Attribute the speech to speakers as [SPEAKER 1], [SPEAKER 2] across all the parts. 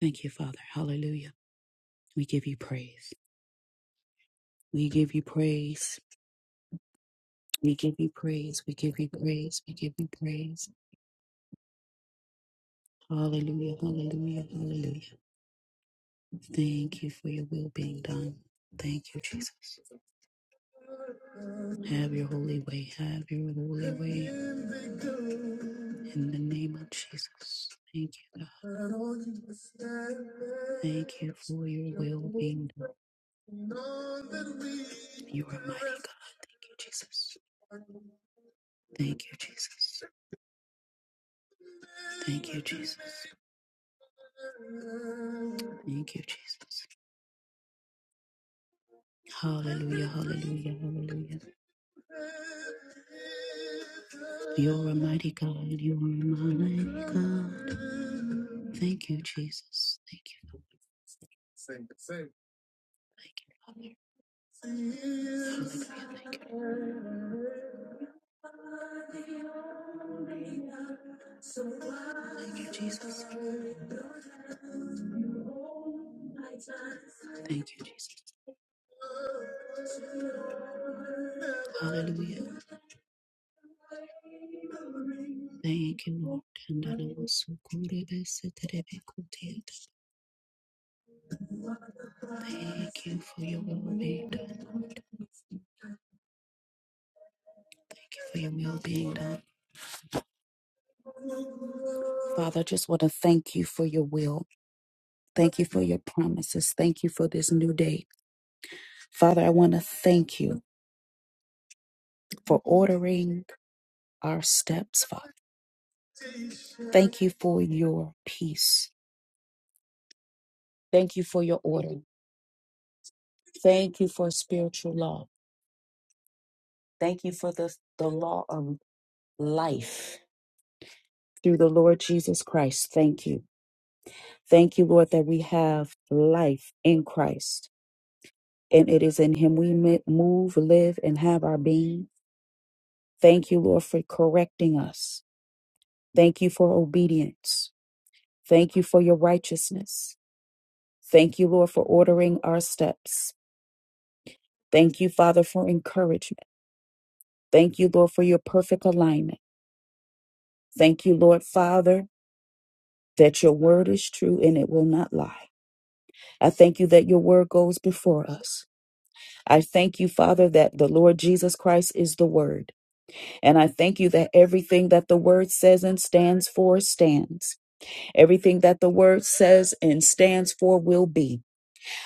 [SPEAKER 1] Thank you, Father. Hallelujah. We give you praise. We give you praise. We give you praise. We give you praise. We give you praise. Hallelujah. Hallelujah. Hallelujah. Thank you for your will being done. Thank you, Jesus. Have your holy way. Have your holy in the name of Jesus. Thank you, God, for your being done. God, Thank you, Jesus. Thank you, Jesus. Thank you, Jesus. Hallelujah, hallelujah, hallelujah. You're a mighty God. You're a mighty God. Thank you, Jesus. Thank you, Lord. Thank you, Father. Hallelujah. Thank you. Lord. Thank you, Jesus. Thank you, Jesus. Hallelujah. Thank you, Lord. Thank you for your will being done, Lord. Thank you for your will being done. Father, I just want to thank you for your will. Thank you for your promises. Thank you for this new day. Father, I want to thank you. for ordering our steps, Father. Thank you for your peace. Thank you for your order. Thank you for spiritual law. Thank you for the, the law of life through the Lord Jesus Christ. Thank you. Thank you, Lord, that we have life in Christ. And it is in Him we mi- move, live, and have our being. Thank you, Lord, for correcting us. Thank you for obedience. Thank you for your righteousness. Thank you, Lord, for ordering our steps. Thank you, Father, for encouragement. Thank you, Lord, for your perfect alignment. Thank you, Lord, Father, that your word is true and it will not lie. I thank you that your word goes before us. I thank you, Father, that the Lord Jesus Christ is the word. And I thank you that everything that the word says and stands for stands. Everything that the word says and stands for will be.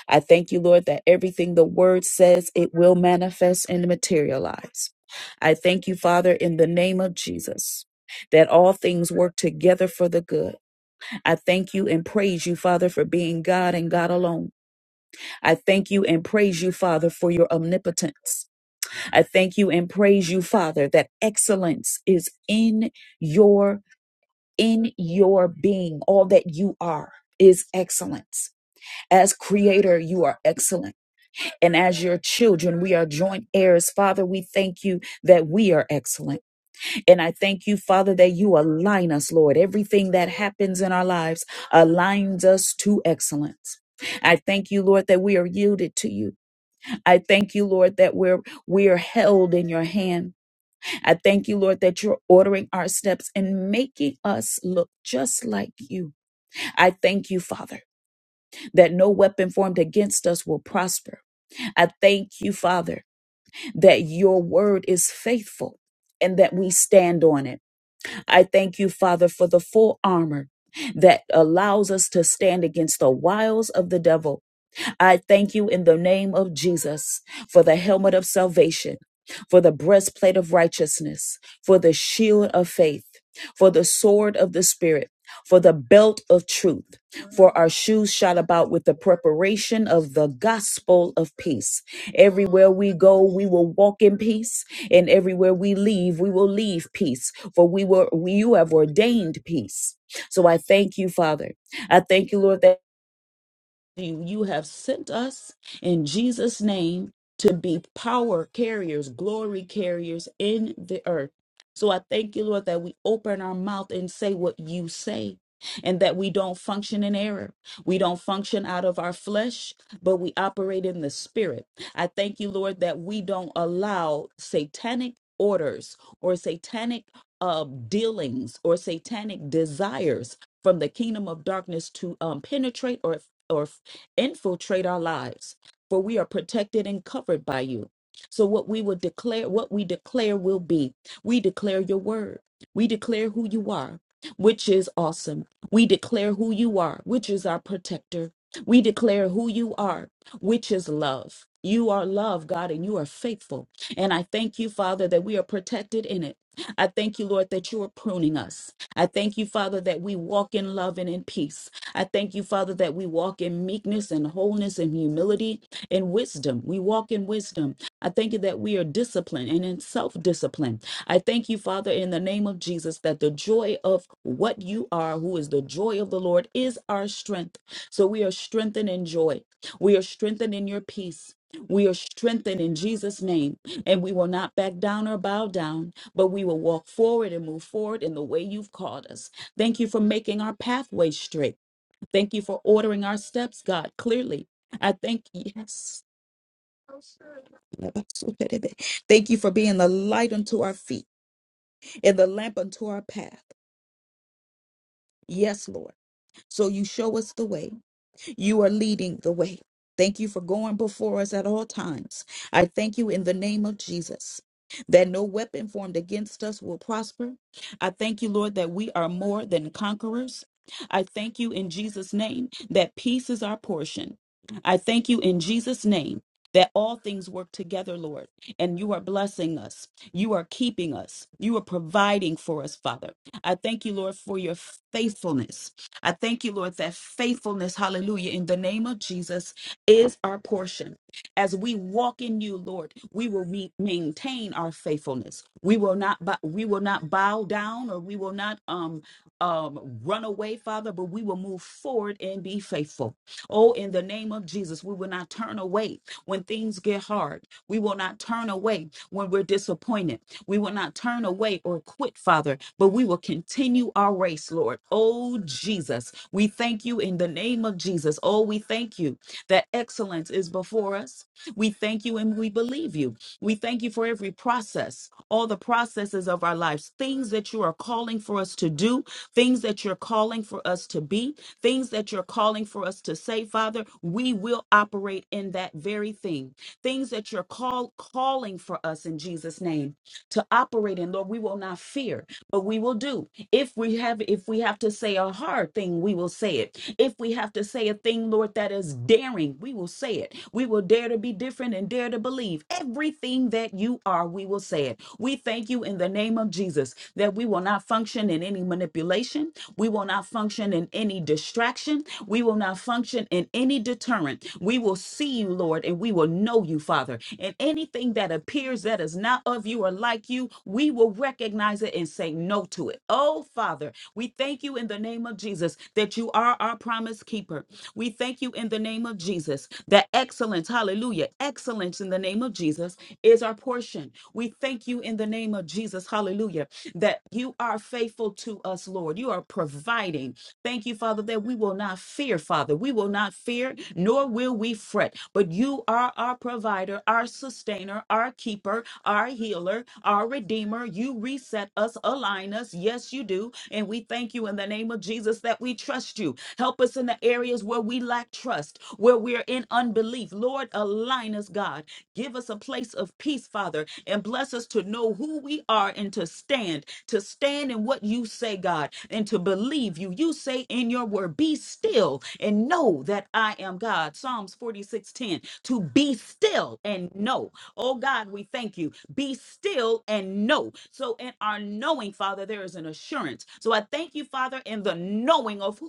[SPEAKER 1] I thank you, Lord, that everything the word says, it will manifest and materialize. I thank you, Father, in the name of Jesus. That all things work together for the good. I thank you and praise you, Father, for being God and God alone. I thank you and praise you, Father, for your omnipotence. I thank you and praise you, Father, that excellence is in your in your being. All that you are is excellence. As creator, you are excellent. And as your children, we are joint heirs. Father, we thank you that we are excellent. And I thank you, Father, that you align us, Lord. Everything that happens in our lives aligns us to excellence. I thank you, Lord, that we are yielded to you. I thank you, Lord, that we're we are held in your hand. I thank you, Lord, that you're ordering our steps and making us look just like you. I thank you, Father, that no weapon formed against us will prosper. I thank you, Father, that your word is faithful and that we stand on it. I thank you, Father, for the full armor that allows us to stand against the wiles of the devil I thank you in the name of Jesus for the helmet of salvation, for the breastplate of righteousness, for the shield of faith, for the sword of the Spirit. For the belt of truth, for our shoes shot about with the preparation of the gospel of peace. Everywhere we go, we will walk in peace, and everywhere we leave, we will leave peace, for we were we, you have ordained peace. So I thank you, Father. I thank you, Lord, that you you have sent us in Jesus name to be power carriers, glory carriers in the earth. So I thank you Lord that we open our mouth and say what you say and that we don't function in error. We don't function out of our flesh, but we operate in the spirit. I thank you Lord that we don't allow satanic orders or satanic uh, dealings or satanic desires from the kingdom of darkness to um, penetrate or or infiltrate our lives, for we are protected and covered by you. So what we will declare, what we declare will be. We declare your word. We declare who you are, which is awesome. We declare who you are, which is our protector. We declare who you are, which is love. You are love, God, and you are faithful. And I thank you, Father, that we are protected in it. I thank you, Lord, that you are pruning us. I thank you, Father, that we walk in love and in peace. I thank you, Father, that we walk in meekness and wholeness and humility and wisdom. We walk in wisdom. I thank you that we are disciplined and in self discipline. I thank you, Father, in the name of Jesus, that the joy of what you are, who is the joy of the Lord, is our strength. So we are strengthened in joy. We are strengthened in your peace. We are strengthened in Jesus' name, and we will not back down or bow down, but we will walk forward and move forward in the way you've called us. Thank you for making our pathway straight. Thank you for ordering our steps, God, clearly. I thank you. Yes. Thank you for being the light unto our feet and the lamp unto our path. Yes, Lord. So you show us the way. You are leading the way. Thank you for going before us at all times. I thank you in the name of Jesus that no weapon formed against us will prosper. I thank you, Lord, that we are more than conquerors. I thank you in Jesus' name that peace is our portion. I thank you in Jesus' name that all things work together, Lord, and you are blessing us. You are keeping us. You are providing for us, Father. I thank you, Lord, for your faithfulness. I thank you, Lord, that faithfulness, hallelujah, in the name of Jesus is our portion. As we walk in you, Lord, we will re- maintain our faithfulness. We will not bow, we will not bow down or we will not um um run away, Father, but we will move forward and be faithful. Oh, in the name of Jesus, we will not turn away. When things get hard, we will not turn away when we're disappointed. We will not turn away or quit, Father, but we will continue our race, Lord. Oh, Jesus, we thank you in the name of Jesus. Oh, we thank you that excellence is before us. We thank you and we believe you. We thank you for every process, all the processes of our lives, things that you are calling for us to do, things that you're calling for us to be things that you're calling for us to say, Father, we will operate in that very thing. Things that you're call, calling for us in Jesus' name to operate in, Lord, we will not fear but we will do if we have if we have to say a hard thing we will say it if we have to say a thing lord that is daring we will say it we will dare to be different and dare to believe everything that you are we will say it we thank you in the name of jesus that we will not function in any manipulation we will not function in any distraction we will not function in any deterrent we will see you lord word and we will know you, Father. And anything that appears that is not of you or like you, we will recognize it and say no to it. Oh, Father, we thank you in the name of Jesus that you are our promise keeper. We thank you in the name of Jesus that excellence, hallelujah, excellence in the name of Jesus is our portion. We thank you in the name of Jesus, hallelujah, that you are faithful to us, Lord. Lord. You are providing. Thank you, Father, that we will not fear, Father. We will not fear, nor will we fret. But you are our provider, our sustainer, our keeper, our healer, our redeemer. You reset us, align us. Yes, you do. And we thank you in the name of Jesus that we trust you. Help us in the areas where we lack trust, where we're in unbelief. Lord, align us, God. Give us a place of peace, Father, and bless us to know who we are and to stand, to stand in what you say, God, and to believe you. You say in your word, be still and know that I am God. Psalms 46:10. To be still and know. Oh God, we thank you. Be still and know. So in our knowing, Father, there is an assurance. So I thank you, Father, in the knowing of who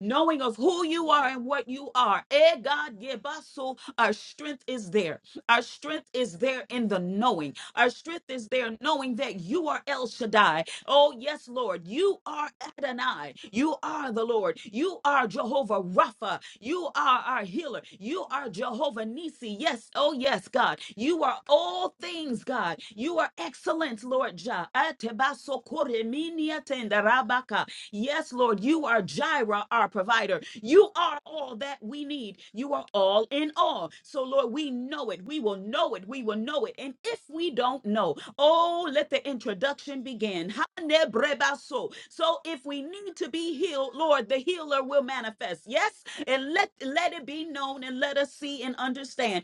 [SPEAKER 1] knowing of who you are and what you are. Eh, God, give us so our strength is there. Our strength is there in the knowing. Our strength is there knowing that you are El Shaddai. Oh, yes, Lord. You are Adonai. You are the Lord. You are Jehovah Rapha. You are our healer. You are Jehovah Nisi. Yes, oh, yes, God. You are all things, God. You are excellent, Lord Jah. Atebasokoreminiatendarabaka. Yes, Lord, you are Jireh, our provider. You are all that we need. You are all in all. So, Lord, we know it. We will know it. We will know it. And if we don't know, oh, let the introduction begin. Hanebrebaso. So, So, if we need to be healed, Lord, the healer will manifest. Yes, and let let it be known and let us see and understand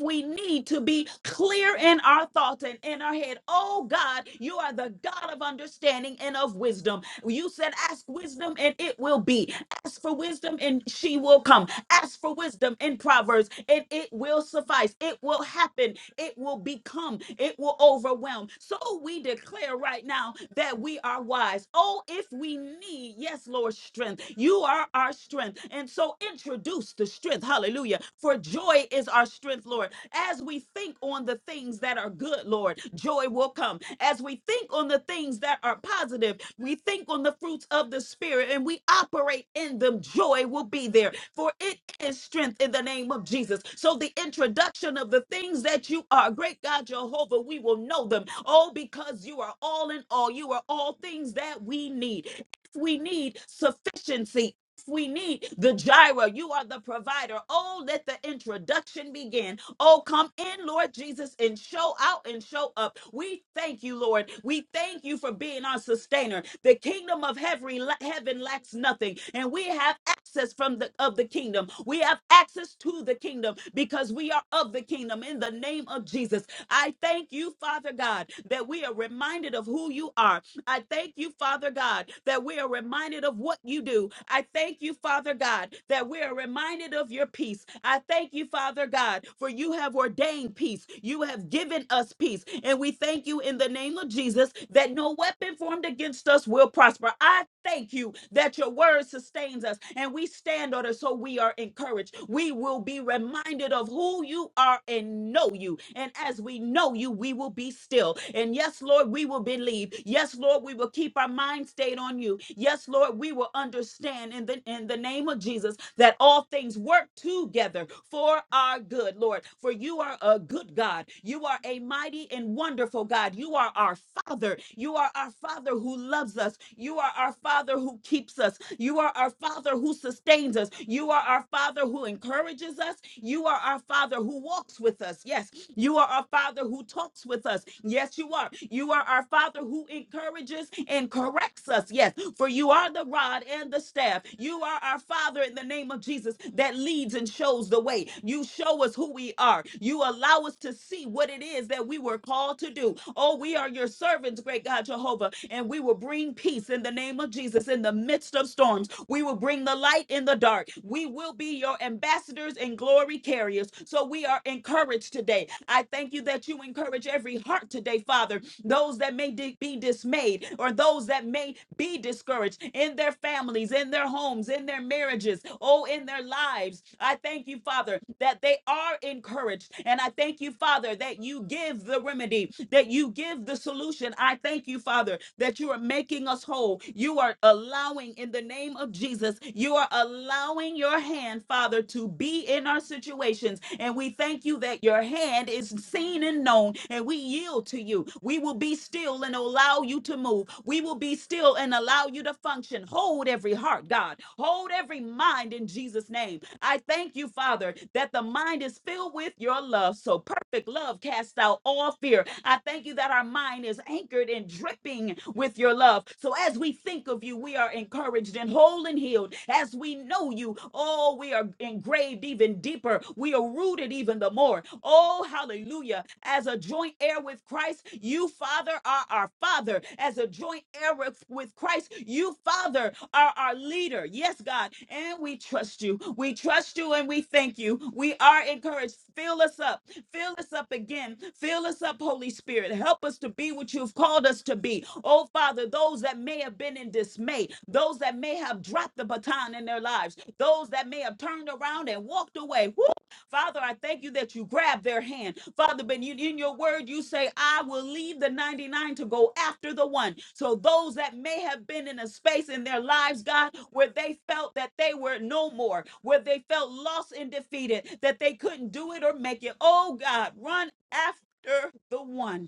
[SPEAKER 1] we need to be clear in our thoughts and in our head. Oh God, you are the God of understanding and of wisdom. You said, Ask wisdom and it will be. Ask for wisdom and she will come. Ask for wisdom in Proverbs and it will suffice. It will happen. It will become. It will overwhelm. So we declare right now that we are wise. Oh, if we need, yes, Lord, strength. You are our strength. And so introduce the strength. Hallelujah. For joy is our strength, Lord. As we think on the things that are good, Lord, joy will come. As we think on the things that are positive, we think on the fruits of the Spirit and we operate in them, joy will be there. For it is strength in the name of Jesus. So the introduction of the things that you are, great God Jehovah, we will know them all because you are all in all. You are all things that we need. If we need sufficiency we need the gyro. You are the provider. Oh, let the introduction begin. Oh, come in, Lord Jesus, and show out and show up. We thank you, Lord. We thank you for being our sustainer. The kingdom of heaven, heaven lacks nothing, and we have access from the of the kingdom. We have access to the kingdom because we are of the kingdom in the name of Jesus. I thank you, Father God, that we are reminded of who you are I thank you, Father God, that we are reminded of what you do. I thank you, Father God, that we are reminded of your peace. I thank you, Father God, for you have ordained peace. You have given us peace. And we thank you in the name of Jesus that no weapon formed against us will prosper. I thank you that your word sustains us and we stand on it so we are encouraged. We will be reminded of who you are and know you. And as we know you, we will be still. And yes, Lord, we will will believe. Yes, Lord, we will keep our mind stayed on you. Yes, Lord, we will understand in the in the name of Jesus that all things work together for our good, Lord. For you are a good God. You are a mighty and wonderful God. You are our Father. You are our Father who loves us. You are our Father who keeps us. You are our Father who sustains us. You are our Father who encourages us. You are our Father who walks with us. Yes, you are our Father who talks with us. Yes Yes, you are. You are our Father who encourages and corrects us. Yes, for you are the rod and the staff. You are our Father in the name of Jesus that leads and shows the way. You show us who we are. You allow us to see what it is that we were called to do. Oh, we are your servants, great God Jehovah, and we will bring peace in the name of Jesus in the midst of storms. We will bring the light in the dark. We will be your ambassadors and glory carriers. So we are encouraged today. I thank you that you encourage encourage every heart today, Father. Those that may di- be dismayed or those that may be discouraged in their families, in their homes, in their marriages, oh, in their lives. I thank you, Father, that they are encouraged. And I thank you, Father, that you give the remedy, that you give the solution. I thank you, Father, that you are making us whole. You are allowing, in the name of Jesus, you are allowing your hand, Father, to be in our situations. And we thank you that your hand hand is seen and known, and we yield to you. We will be still and allow you to move. We will be still and allow you to function. Hold every heart, God. Hold every mind in Jesus' name. I thank you, Father, that the mind is filled with your love. So perfect love casts out all fear. I thank you that our mind is anchored and dripping with your love. So as we think of you, we are encouraged and whole and healed. As we know you, oh, we are engraved even deeper. We are rooted even even the more. Oh, hallelujah. As a joint heir with Christ, you, Father, are our Father. As a joint heir with, with Christ, you, Father, are our leader. Yes, God. And we trust you. We trust you and we thank you. We are encouraged. Fill us up. Fill us up again. Fill us up, Holy Spirit. Help us to be what you've called us to be. Oh, Father, those that may have been in dismay, those that may have dropped the baton in their lives, those that may have turned around and walked away. Woo, Father, I thank you that you grab their hand. Father, but you, in your word, you say, I will leave the 99 to go after the one. So those that may have been in a space in their lives, God, where they felt that they were no more, where they felt lost and defeated, that they couldn't do it or make it. Oh, God, run after the one.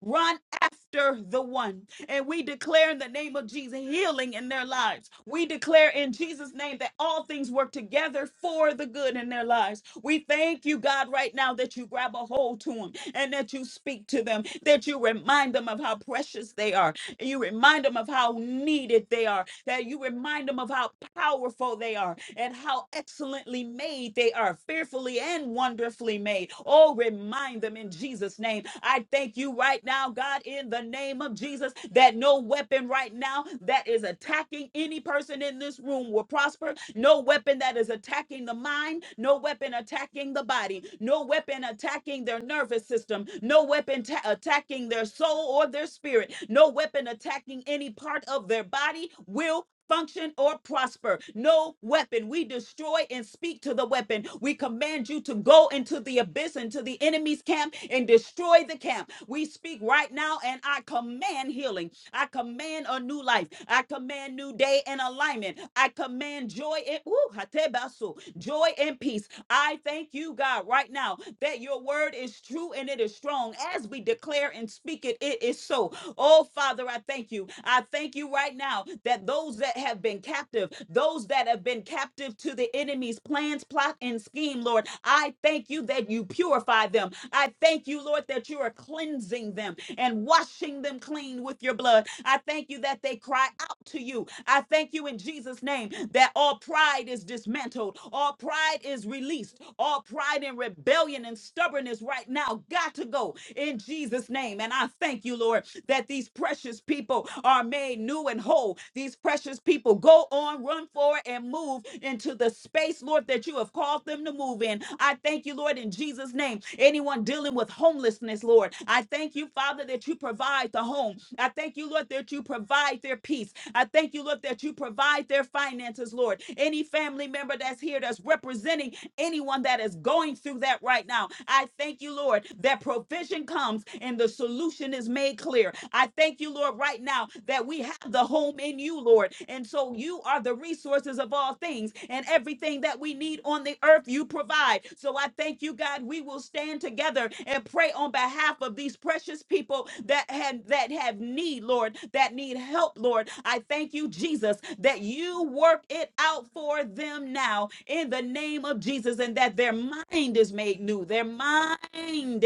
[SPEAKER 1] Run after the one. And we declare in the name of Jesus healing in their lives. We declare in Jesus' name that all things work together for the good in their lives. We thank you, God, right now that you grab a hold to them and that you speak to them, that you remind them of how precious they are, and you remind them of how needed they are, that you remind them of how powerful they are and how excellently made they are, fearfully and wonderfully made. Oh, remind them in Jesus' name. I thank you right now, God, in the name of Jesus, that no weapon right now that is attacking any person in this room will prosper. No weapon that is attacking the mind, no weapon attacking the body, no weapon attacking their nervous system, no weapon ta- attacking their soul or their spirit, no weapon attacking any part of their body will function or prosper. No weapon. We destroy and speak to the weapon. We command you to go into the abyss, into the enemy's camp, and destroy the camp. We speak right now, and I command healing. I command a new life. I command new day and alignment. I command joy and Woo, hatebasu, joy and peace. I thank you, God, right now that your word is true and it is strong. As we declare and speak it, it is so go. Oh, Father, I thank you. I thank you right now that those that have been captive, those that have been captive to the enemy's plans, plot, and scheme, Lord, I thank you that you purify them. I thank you, Lord, that you are cleansing them and washing them clean with your blood. I thank you that they cry out to you. I thank you in Jesus' name that all pride is dismantled, all pride is released, all pride and rebellion and stubbornness right now got to go in Jesus' name. And I thank you thank you, Lord, that these precious people are made new and whole. These precious people go on, run forward, and move into the space, Lord, that you have called them to move in. I thank you, Lord, in Jesus' name. Anyone dealing with homelessness, Lord, I thank you, Father, that you provide the home. I thank you, Lord, that you provide their peace. I thank you, Lord, that you provide their finances, Lord. Any family member that's here that's representing anyone that is going through that right now. I thank you, Lord, that provision comes and the solution solution is made clear. I thank you, Lord, right now that we have the home in you, Lord. And so you are the resources of all things, and everything that we need on the earth, you provide. So I thank you, God. We will stand together and pray on behalf of these precious people that had that have need, Lord, that need help, Lord. I thank you, Jesus, that you work it out for them now in the name of Jesus, and that their mind is made new. Their mind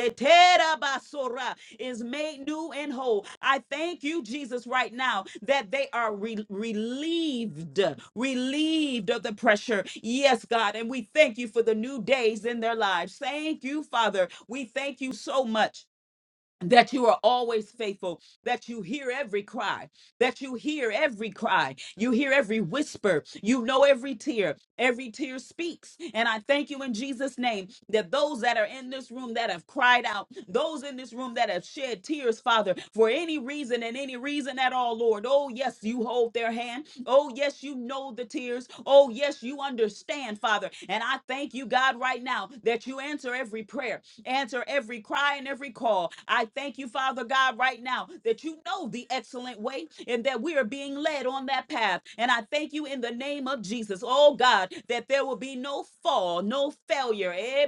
[SPEAKER 1] is made new and whole. I thank you, Jesus, right now that they are re- relieved, relieved of the pressure. Yes, God. And we thank you for the new days in their lives. Thank you, Father. We thank you so much. That you are always faithful, that you hear every cry, that you hear every cry, you hear every whisper, you know every tear. Every tear speaks. And I thank you in Jesus' name that those that are in this room that have cried out, those in this room that have shed tears, Father, for any reason and any reason at all, Lord. Oh, yes, you hold their hand. Oh, yes, you know the tears. Oh, yes, you understand, Father. And I thank you, God, right now that you answer every prayer answer every cry and every call. I thank you, Father God, right now that you know the excellent way and that we are being led on that path. And I thank you in the name of Jesus, oh God, that there will be no fall, no failure. Eh,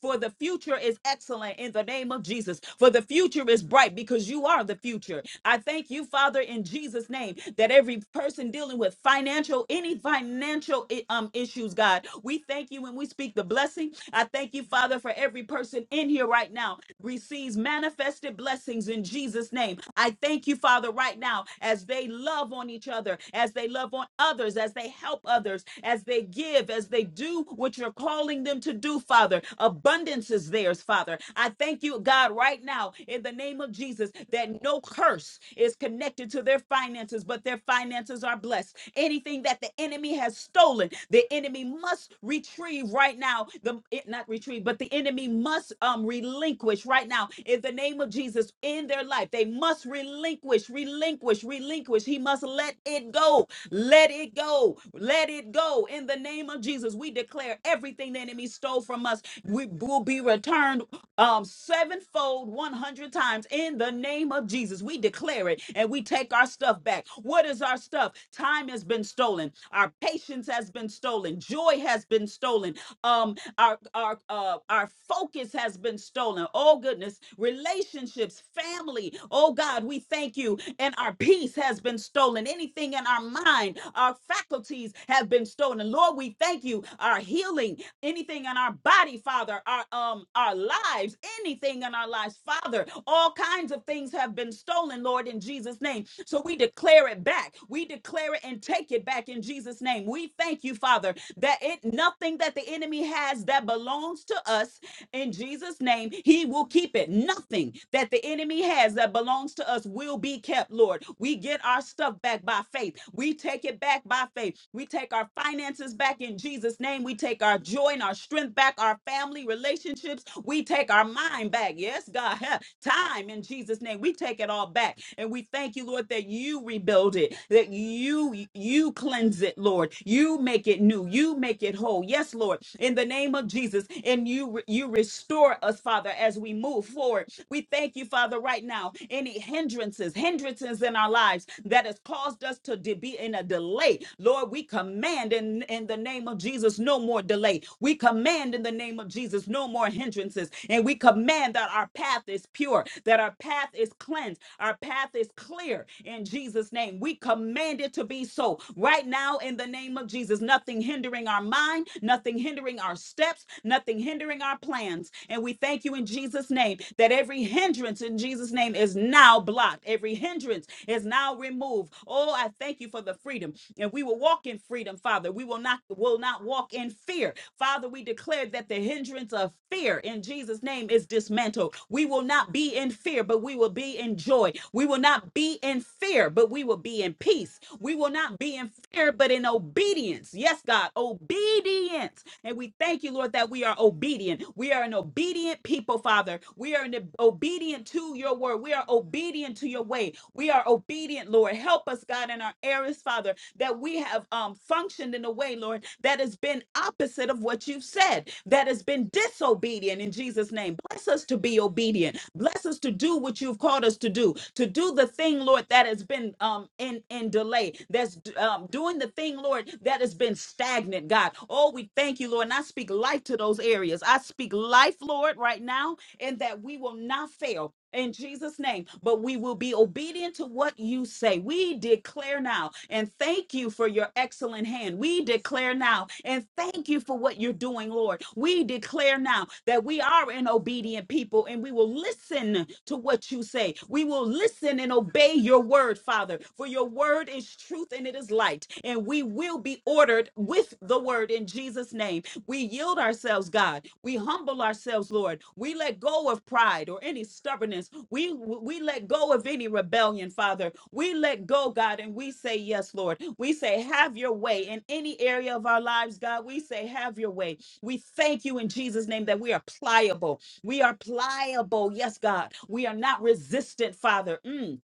[SPEAKER 1] For the future is excellent in the name of Jesus. For the future is bright because you are the future. I thank you, Father, in Jesus' name, that every person dealing with financial, any financial eh, um, issues, God, we thank you when we speak the blessing. I thank you, Father, for every person in here right now receives manifestation manifested blessings in Jesus' name. I thank you, Father, right now as they love on each other, as they love on others, as they help others, as they give, as they do what you're calling them to do, Father. Abundance is theirs, Father. I thank you, God, right now in the name of Jesus that no curse is connected to their finances, but their finances are blessed. Anything that the enemy has stolen, the enemy must retrieve right now. The it- not retrieve, but the enemy must um relinquish relinquish right now in the name of Jesus in their life. They must relinquish, relinquish, relinquish. He must let it go. Let it go. Let it go. In the name of Jesus, we declare everything the enemy stole from us we will be returned um sevenfold 100 times in the name of Jesus. We declare it and we take our stuff back. What is our stuff? Time has been stolen. Our patience has been stolen. Joy has been stolen. Um our our uh our focus has has been stolen. Oh, goodness. Relationships, family. Oh, God, we thank you. And our peace has been stolen. Anything in our mind, our faculties have been stolen. Lord, we thank you. Our healing, anything in our body, Father, our um our lives, anything in our lives, Father, all kinds of things have been stolen, Lord, in Jesus' name. So we declare it back. We declare it and take it back in Jesus' name. We thank you, Father, that it nothing that the enemy has that belongs to us in Jesus' name, he will keep it. Nothing that the enemy has that belongs to us will be kept, Lord. We get our stuff back by faith. We take it back by faith. We take our finances back in Jesus' name. We take our joy and our strength back, our family relationships. We take our mind back. Yes, God, have time in Jesus' name. We take it all back. And we thank you, Lord, that you rebuild it, that you you cleanse it, Lord. You make it new. You make it whole. Yes. Yes, Lord, in the name of Jesus. And you you restore us, Father, as we move forward. We thank you, Father, right now. Any hindrances, hindrances in our lives that has caused us to de- be in a delay, Lord, we command in, in the name of Jesus no more delay. We command in the name of Jesus no more hindrances. And we command that our path is pure, that our path is cleansed, our path is clear in Jesus' name. We command it to be so right now now in the name of Jesus. Nothing hindering our mind, nothing hindering our steps, nothing hindering our plans. And we thank you in Jesus' name that every hindrance in Jesus' name is now blocked, every hindrance is now removed. Oh, I thank you for the freedom. And we will walk in freedom, Father. We will not will not walk in fear. Father, we declare that the hindrance of fear in Jesus' name is dismantled. We will not be in fear, but we will be in joy. We will not be in fear, fear, but we will be in peace. We will not be in fear, but in obedience. Yes, God, obedience. And we thank you, Lord, that we are obedient. We are an obedient people, Father. We are an obedient to your word. We are obedient to your way. We are obedient, Lord. Help us, God, in our areas, Father, that we have um, functioned in a way, Lord, that has been opposite of what you've said, that has been disobedient in Jesus' name. Bless us to be obedient. Bless us to do what that you've called us to do, to do the thing, Lord, that has been um, in, in delay, that's um, doing the thing, Lord, that has been stagnant, God. Oh, we thank you, Lord. And I speak life to those areas. I speak life, Lord, right now, and that we will not fail. In Jesus' name, but we will be obedient to what you say. We declare now and thank you for your excellent hand. We declare now and thank you for what you're doing, Lord. We declare now that we are in obedient people and we will listen to what you say. We will listen and obey your word, Father, for your word is truth and it is light. And we will be ordered with the word in Jesus' name. We yield ourselves, God. We humble ourselves, Lord. We let go of pride or any stubbornness. We we let go of any rebellion, Father. We let go, God, and we say yes, Lord. We say have your way in any area of our lives, God. We say have your way. We thank you in Jesus' name that we are pliable we are pliable. Yes, God. We are not resistant, Father. Mm.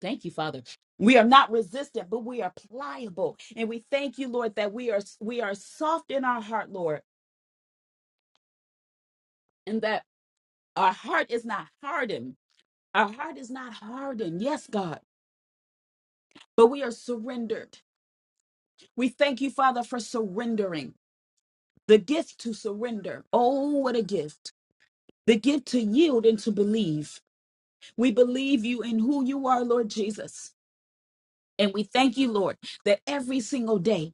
[SPEAKER 1] Thank you, Father. We are not resistant, but we are pliable. And we thank you, Lord, that we are we are soft in our heart, Lord, and that our heart is not hardened. Our heart is not hardened. Yes, God. But we are surrendered. We thank you, Father, for surrendering. The gift to surrender. Oh, what a gift. The gift to yield and to believe. We believe you in who you are, Lord Jesus. And we thank you, Lord, that every single day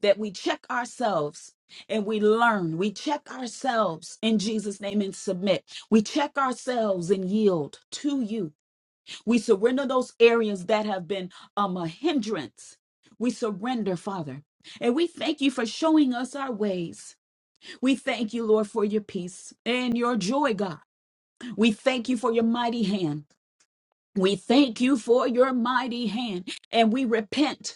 [SPEAKER 1] that we check ourselves and we learn, we check ourselves in Jesus' name and submit. We check ourselves and yield to you. We surrender those areas that have been um, a hindrance. We surrender, Father. And we thank you for showing us our ways. We thank you, Lord, for your peace and your joy, God. We thank you for your mighty hand. We thank you for your mighty hand. And we repent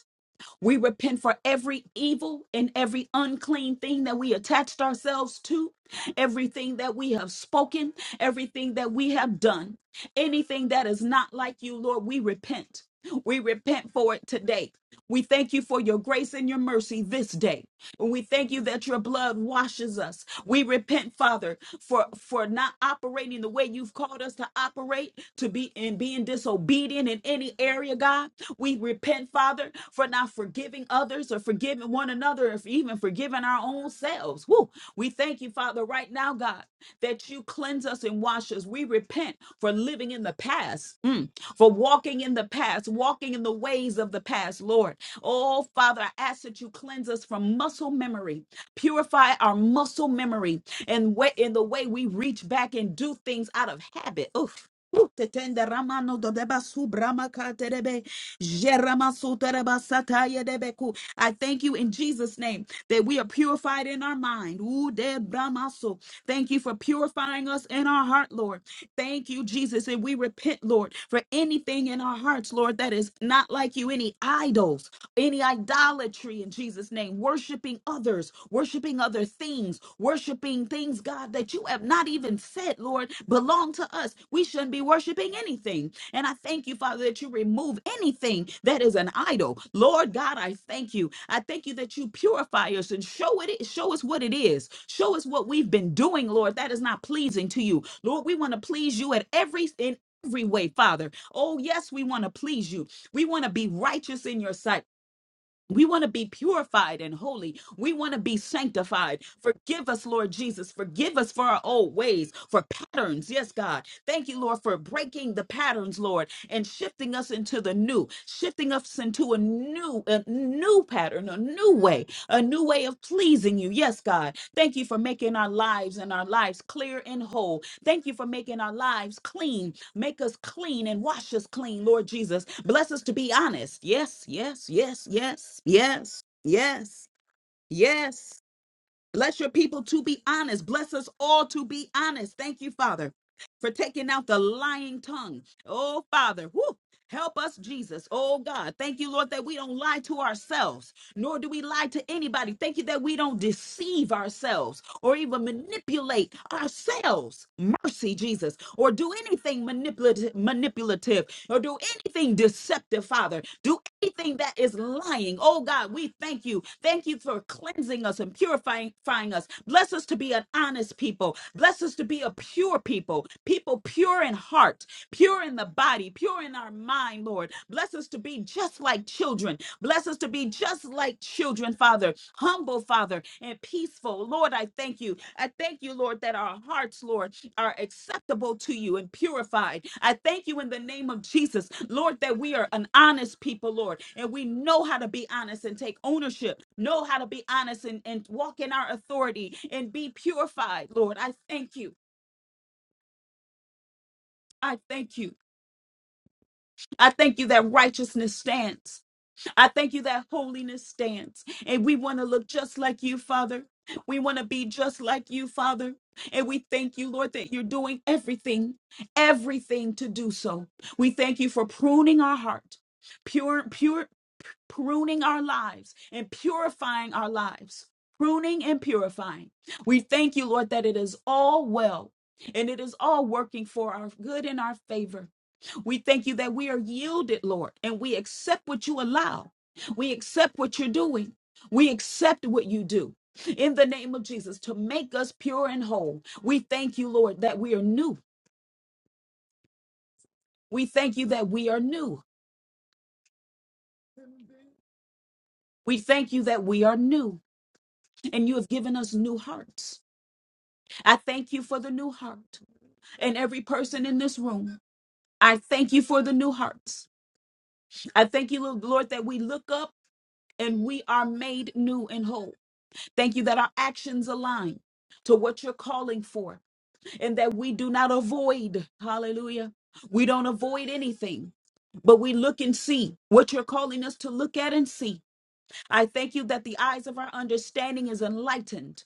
[SPEAKER 1] we repent for every evil and every unclean thing that we attached ourselves to, everything that we have spoken, everything that we have done, anything that is not like you, Lord, we repent. We repent for it today. We thank you for your grace and your mercy this day. We thank you that your blood washes us. We repent, Father, for for not operating the way you've called us to operate, to be in being disobedient in any area, God. We repent, Father, for not forgiving others or forgiving one another or for even forgiving our own selves. Woo. We thank you, Father, right now, God, that you cleanse us and wash us. We repent for living in the past. Mm for walking in the past, walking in the ways of the past, Lord. Oh, Father, I ask that you cleanse us from muscle memory, purify our muscle memory, and way, in the way we reach back and do things out of habit. Oof. Ooh, te tende ramano do deba su brama ka terebe. Jeramasotarabasatayadebeku. I thank you in Jesus' name that we are purified in our mind. Ooh, debramaso. Thank you for purifying us in our heart, Lord. Thank you, Jesus. And we repent, Lord, for anything in our hearts, Lord, that is not like you, any idols, any idolatry in Jesus' name, worshiping others, worshiping others other things, worshiping things, God, that you have not even said, Lord, belong to us. We shouldn't be worshiping anything. And I thank you, Father, that you remove anything that is an idol. Lord God, I thank you. I thank you that you purify us and show it, show us what it is. Show us what we've been doing, Lord, that is not pleasing to you. Lord, we want to please you at every in every way, Father. Oh, yes, we want to please you. We want to be righteous in your sight. We want to be purified and holy. We want to be sanctified. Forgive us, Lord Jesus. Forgive us for our old ways, for patterns. Yes, God. Thank you, Lord, for breaking the patterns, Lord, and shifting us into the new, shifting us into a new, a new pattern, a new way, a new way of pleasing you. Yes, God. Thank you for making our lives and our lives clear and whole. Thank you for making our lives clean Make us clean and wash us clean, Lord Jesus. Bless us to be honest. Yes, yes, yes, yes, yes, yes, yes, Bless your people to be honest. Bless us all to be honest. Thank you, Father, for taking out the lying tongue. Oh, Father, whoo. Help us, Jesus. Oh, God. Thank you, Lord, that we don't lie to ourselves, nor do we lie to anybody. Thank you that we don't deceive ourselves or even manipulate ourselves. Mercy, Jesus. Or do anything manipulative, manipulative or do anything deceptive, Father. Do anything that is lying. Oh God, we thank you. Thank you for cleansing us and purifying purifying us. Bless us to be an honest people. Bless us to be a pure people, people pure in heart, pure in the body, pure in our mind, Lord. Bless us to be just like children. Bless us to be just like children Father, humble Father, and peaceful. Lord, I thank you. I thank you, Lord, that our hearts, Lord, are acceptable to you and purified. I thank you in the name of Jesus, Lord, that we are an honest people, Lord, and we know how to be honest and take ownership, know how to be honest and, and walk in our authority and be purified, Lord. I thank you. I thank you. I thank you that righteousness stands. I thank you that holiness stands. And we want to look just like you, Father. We want to be just like you, Father. And we thank you, Lord, that you're doing everything, everything to do so. We thank you for pruning our heart, pure, pure, pruning our lives and purifying our lives, pruning and purifying. We thank you, Lord, that it is all well and it is all working for our good and our favor. We thank you that we are yielded, Lord, and we accept what you allow. We accept what you're doing. We accept what you do. In the name of Jesus, to make us pure and whole, we thank you, Lord, that we are new. We thank you that we are new. We thank you that we are new, and you have given us new hearts. I thank you for the new heart and every person in this room. I thank you for the new hearts. I thank you, Lord, that we look up and we are made new and whole. Thank you that our actions align to what you're calling for and that we do not avoid. Hallelujah. We don't avoid anything, but we look and see what you're calling us to look at and see. I thank you that the eyes of our understanding is enlightened.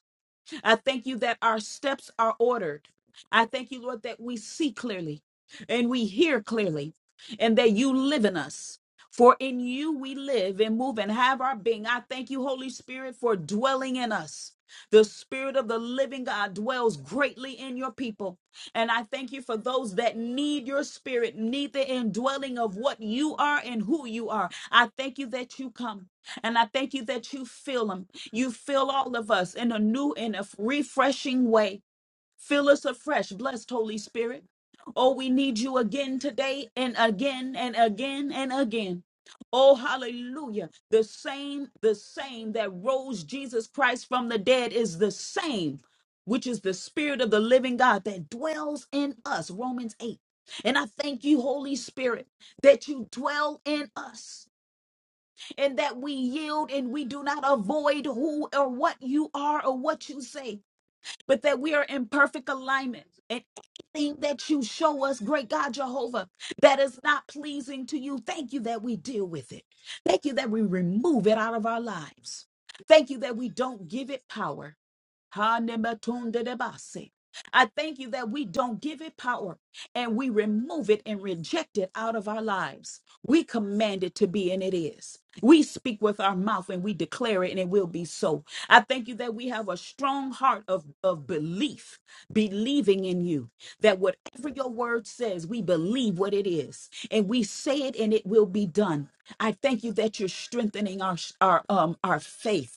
[SPEAKER 1] I thank you that our steps are ordered. I thank you, Lord, that we see clearly and we hear clearly and that you live in us. For in you we live and move and have our being. I thank you, Holy Spirit, for dwelling in us. The Spirit of the living God dwells greatly in your people. And I thank you for those that need your spirit, need the indwelling of what you are and who you are. I thank you that you come. And I thank you that you fill them. You fill all of us in a new and a refreshing way. Fill us afresh, blessed Holy Spirit. Oh, we need you again today and again and again and again. Oh, hallelujah. The same, the same that rose Jesus Christ from the dead is the same, which is the Spirit of the living God that dwells in us. Romans 8. And I thank you, Holy Spirit, that you dwell in us and that we yield and we do not avoid who or what you are or what you say but that we are in perfect alignment. And anything that you show us, great God Jehovah, that is not pleasing to you, thank you that we deal with it. Thank you that we remove it out of our lives. Thank you that we don't give it power. Hanematondedebase. I thank you that we don't give it power and we remove it and reject it out of our lives. We command it to be, and it is. We speak with our mouth and we declare it, and it will be so. I thank you that we have a strong heart of, of belief, believing in you, that whatever your word says, we believe what it is, and we say it, and it will be done. I thank you that you're strengthening our, our, um, our faith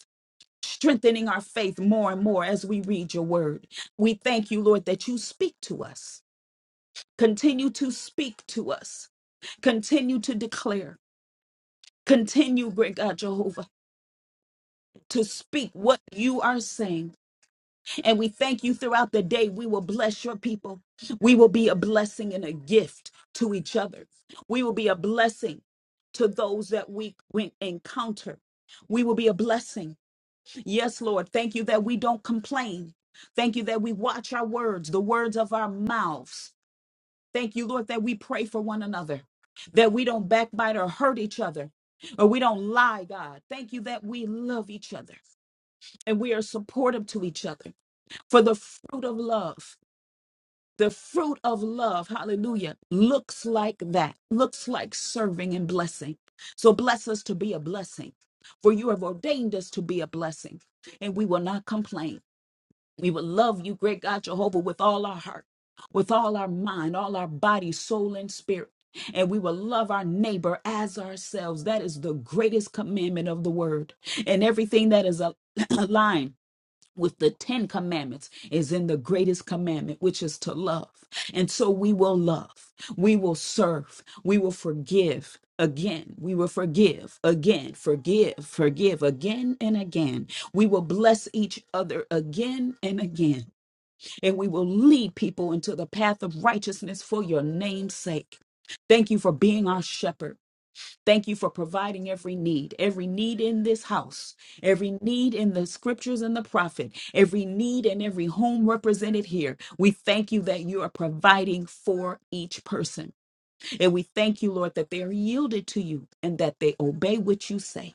[SPEAKER 1] strengthening our faith more and more as we read your word. We thank you, Lord, that you speak to us. Continue to speak to us. Continue to declare. Continue, great God Jehovah, to speak what you are saying. And we thank you throughout the day. We will bless your people. We will be a blessing and a gift to each other. We will be a blessing to those that we we encounter. We will be a blessing Yes, Lord. Thank you that we don't complain. Thank you that we watch our words, the words of our mouths. Thank you, Lord, that we pray for one another, that we don't backbite or hurt each other, or we don't lie, God. Thank you that we love each other and we are supportive to each other for the fruit of love. The fruit of love, hallelujah, looks like that, looks like serving and blessing. So bless us to be a blessing, for you have ordained us to be a blessing, and we will not complain. We would love you, great God Jehovah, with all our heart, with all our mind, all our body, soul, and spirit. And we will love our neighbor as ourselves. That is the greatest commandment of the word. And everything that is a- aligned with the Ten Commandments is in the greatest commandment, which is to love. And so we will love, we will serve, we will forgive. Again, we will forgive, again, forgive, forgive, again and again. We will bless each other again and again. And we will lead people into the path of righteousness for your name's sake. Thank you for being our shepherd. Thank you for providing every need, every need in this house, every need in the scriptures and the prophet, every need in every home represented here. We thank you that you are providing for each person. And we thank you, Lord, that they are yielded to you and that they obey what you say.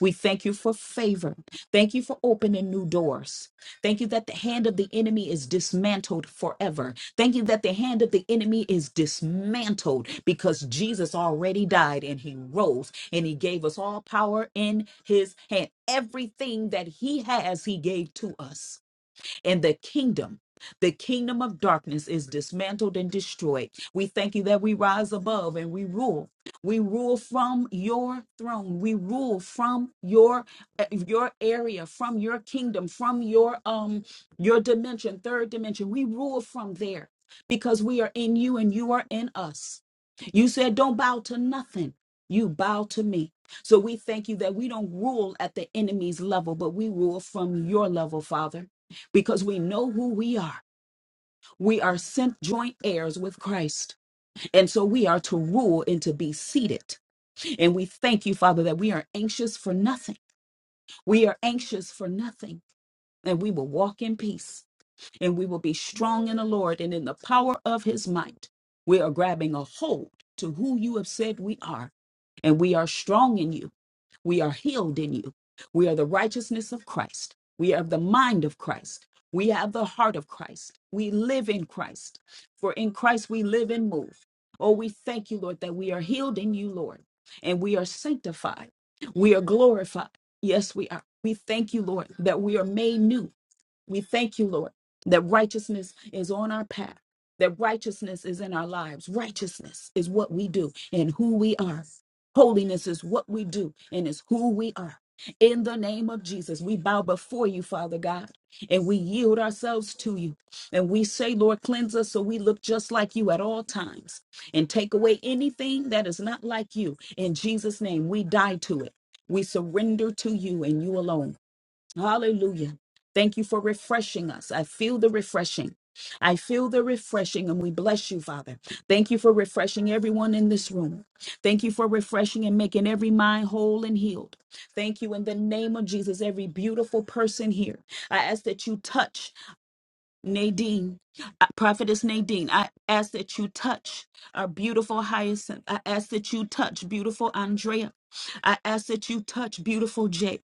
[SPEAKER 1] We thank you for favor. Thank you for opening new doors. Thank you that the hand of the enemy is dismantled forever. Thank you that the hand of the enemy is dismantled because Jesus already died and he rose and he gave us all power in his hand. Everything that he has, he gave to us and the kingdom. The kingdom of darkness is dismantled and destroyed. We thank you that we rise above and we rule. We rule from your throne. We rule from your uh, your area, from your kingdom, from your um your dimension, third dimension. We rule from there because we are in you and you are in us. You said don't bow to nothing. You bow to me. So we thank you that we don't rule at the enemy's level, but we rule from your level, Father because we know who we are. We are sent joint heirs with Christ. And so we are to rule and to be seated. And we thank you, Father, that we are anxious for nothing. We are anxious for nothing. And we will walk in peace and we will be strong in the Lord and in the power of his might. We are grabbing a hold to who you have said we are, and we are strong in you. We are healed in you. We are the righteousness of Christ. We have the mind of Christ. We have the heart of Christ. We live in Christ. For in Christ we live and move. Oh, we thank you, Lord, that we are healed in you, Lord, and we are sanctified. We are glorified. Yes, we are. We thank you, Lord, that we are made new we thank you, Lord, that righteousness is on our path, that righteousness is in our lives. Righteousness is what we do and who we are. Holiness is what we do and is who we are. In the name of Jesus, we bow before you, Father God, and we yield ourselves to you. And we say, Lord, cleanse us so we look just like you at all times and take away anything that is not like you. In Jesus' name, we die to it. We surrender to you and you alone. Hallelujah. Thank you for refreshing us. I feel the refreshing. I feel the refreshing, and we bless you, Father. Thank you for refreshing everyone in this room. Thank you for refreshing and making every mind whole and healed. Thank you in the name of Jesus, every beautiful person here. I ask that you touch. Nadine, uh, Prophetess Nadine, I ask that you touch our beautiful Hyacinth. I ask that you touch beautiful Andrea. I ask that you touch beautiful Jay.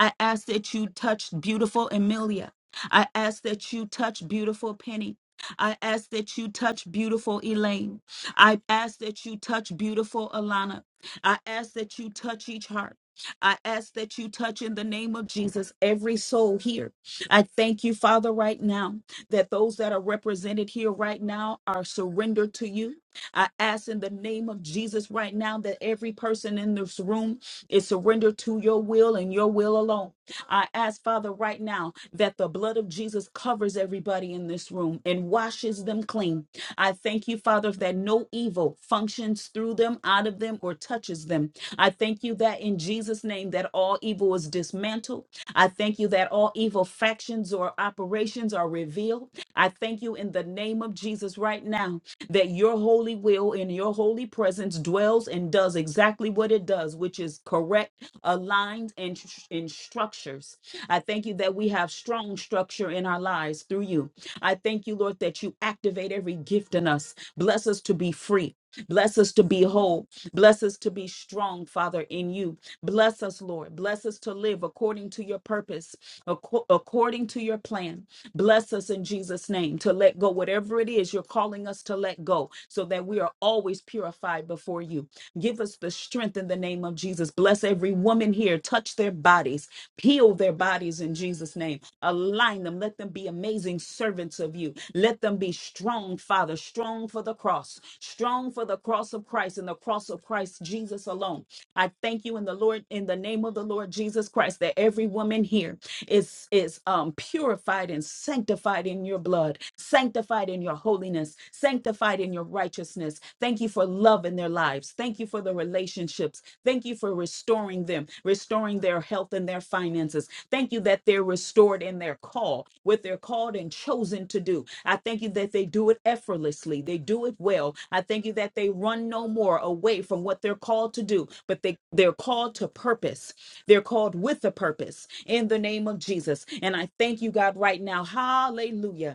[SPEAKER 1] I ask that you touch beautiful Emilia. I ask that you touch beautiful Penny. I ask that you touch beautiful Elaine. I ask that you touch beautiful Alana. I ask that you touch each heart. I ask that you touch in the name of Jesus every soul here. I thank you, Father, right now that those that are represented here right now are surrendered to you. I ask in the name of Jesus right now that every person in this room is surrendered to your will and your will alone. I ask, Father, right now that the blood of Jesus covers everybody in this room and washes them clean. I thank you, Father, that no evil functions through them, out of them, or touches them. I thank you that in Jesus' name that all evil is dismantled. I thank you thank you that all evil factions or operations are revealed. I thank you in the name of Jesus right now that your holy will in your holy presence dwells and does exactly what it does, which is correct, aligned, and, tr- and structures. I thank you that we have strong structure in our lives through you. I thank you, Lord, that you activate every gift in us. Bless us to be free. Bless us to be whole. Bless us to be strong, Father, in you. Bless us, Lord. Bless us to live according to your purpose, acco- according to your plan. Bless us in Jesus' name to let go whatever it is you're calling us to let go so that we are always purified before you. Give us the strength in the name of Jesus. Bless every woman here. Touch their bodies. Heal their bodies in Jesus' name align them. Let them be amazing servants of you. Let them be strong, Father, strong for the cross, strong for the cross of Christ and the cross of Christ Jesus alone. I thank you in the Lord, in the name of the Lord Jesus Christ, that every woman here is is um, purified and sanctified in your blood, sanctified in your holiness, sanctified in your righteousness. Thank you for love in their lives. Thank you for the relationships. Thank you for restoring them, restoring their health and their finances. Thank you that they're restored in their call, what they're called and chosen to do. I thank you that they do it effortlessly, they do it well. I thank you that they run no more away from what they're called to do, but they, they're called to purpose. They're called with a purpose in the name of Jesus. And I thank you, God, right now. Hallelujah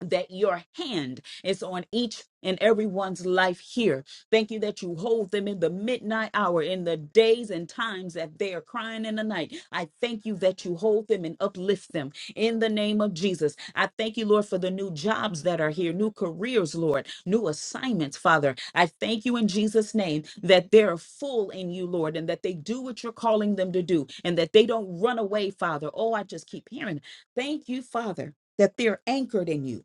[SPEAKER 1] that your hand is on each and everyone's life here. Thank you that you hold them in the midnight hour, in the days and times that they are crying in the night. I thank you that you hold them and uplift them in the name of Jesus. I thank you, Lord, for the new jobs that are here, new careers, Lord, new assignments, Father. I thank you in Jesus' name that they're full in you, Lord, and that they do what you're calling them to do and that they don't run away, Father. Oh, I just keep hearing. Thank you, Father, that they're anchored in you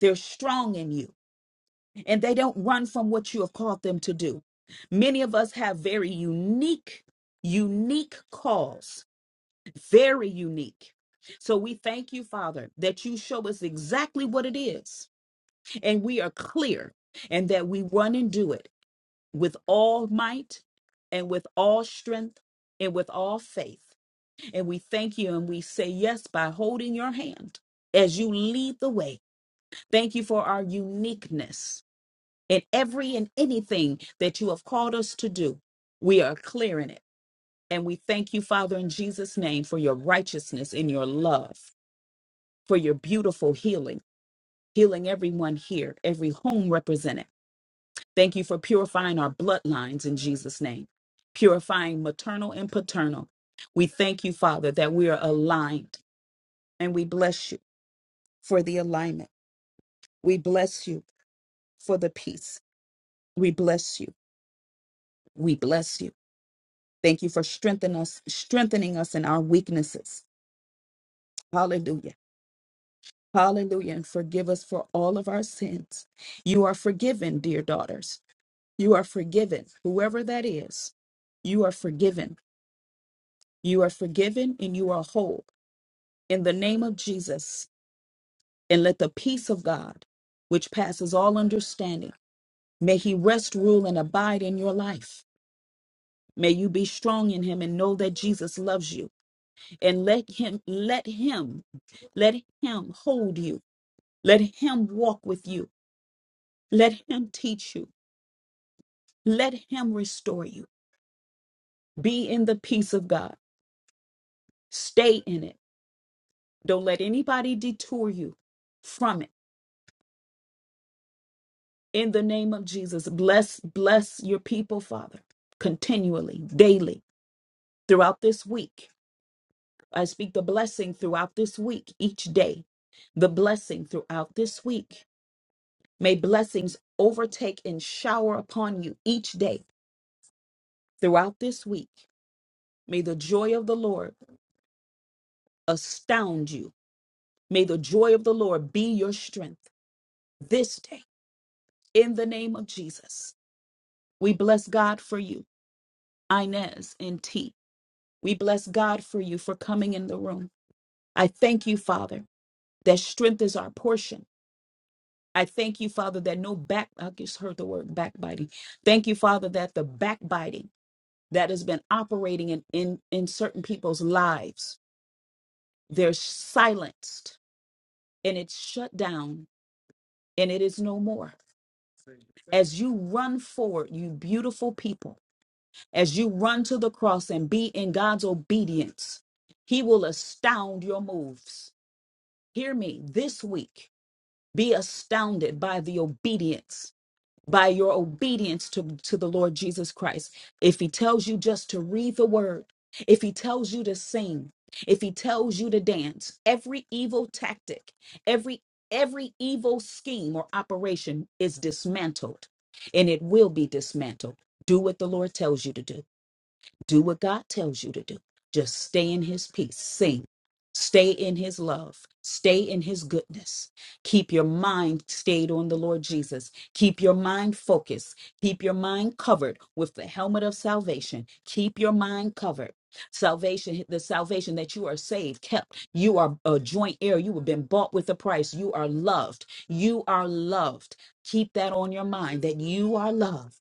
[SPEAKER 1] they're strong in you and they don't run from what you have called them to do. Many of us have very unique, unique calls, very unique. So we thank you, Father, that you show us exactly what it is and we are clear and that we run and do it with all might and with all strength and with all faith. And we thank you and we say yes by holding your hand as you lead the way. Thank you for our uniqueness. in every and anything that you have called us to do. We are clear in it. And we thank you, Father, in Jesus' name, for your righteousness and your love, for your beautiful healing, healing everyone here, every home represented. Thank you for purifying our bloodlines in Jesus' name, purifying maternal and paternal. We thank you, Father, that we are aligned and we bless you for the alignment. We bless you for the peace. We bless you. We bless you. Thank you for strengthening us, strengthening us in our weaknesses. Hallelujah. Hallelujah. And forgive us for all of our sins. You are forgiven, dear daughters. You are forgiven, whoever that is. You are forgiven. You are forgiven and you are whole. In the name of Jesus, and let the peace of God, which passes all understanding, may He rest, rule, and abide in your life. May you be strong in Him and know that Jesus loves you. and let him let him let him hold you let him walk with you let him teach you let him restore you be in the peace of god stay in it don't let anybody detour you from it in the name of jesus bless bless your people father continually daily throughout this week i speak the blessing throughout this week each day the blessing throughout this week May blessings overtake and shower upon you each day throughout this week. May the joy of the Lord astound you. May the joy of the Lord be your strength this day in the name of Jesus. We bless God for you, Inez and T. We bless God for you for coming in the room. I thank you, Father, that strength is our portion. I thank you, Father, that no back, I just heard the word backbiting. Thank you, Father, that the backbiting that has been operating in, in, in certain people's lives. They're silenced and it's shut down and it is no more. As you run forward, you beautiful people, as you run to the cross and be in God's obedience, He will astound your moves. Hear me this week. Be astounded by the obedience by your obedience to, to the Lord Jesus Christ. If He tells you just to read the word, if He tells you to sing, if He tells you to dance, every evil tactic, every every evil scheme or operation is dismantled and it will be dismantled. Do what the Lord tells you to do. Do what God tells you to do. Just stay in His peace. Sing. Stay in His love. Stay in His goodness. Keep your mind stayed on the Lord Jesus. Keep your mind focused. Keep your mind covered with the helmet of salvation. Keep your mind covered. Salvation, the salvation that you are saved, kept. You are a joint heir. You have been bought with a price. You are loved. You are loved. Keep that on your mind that you are loved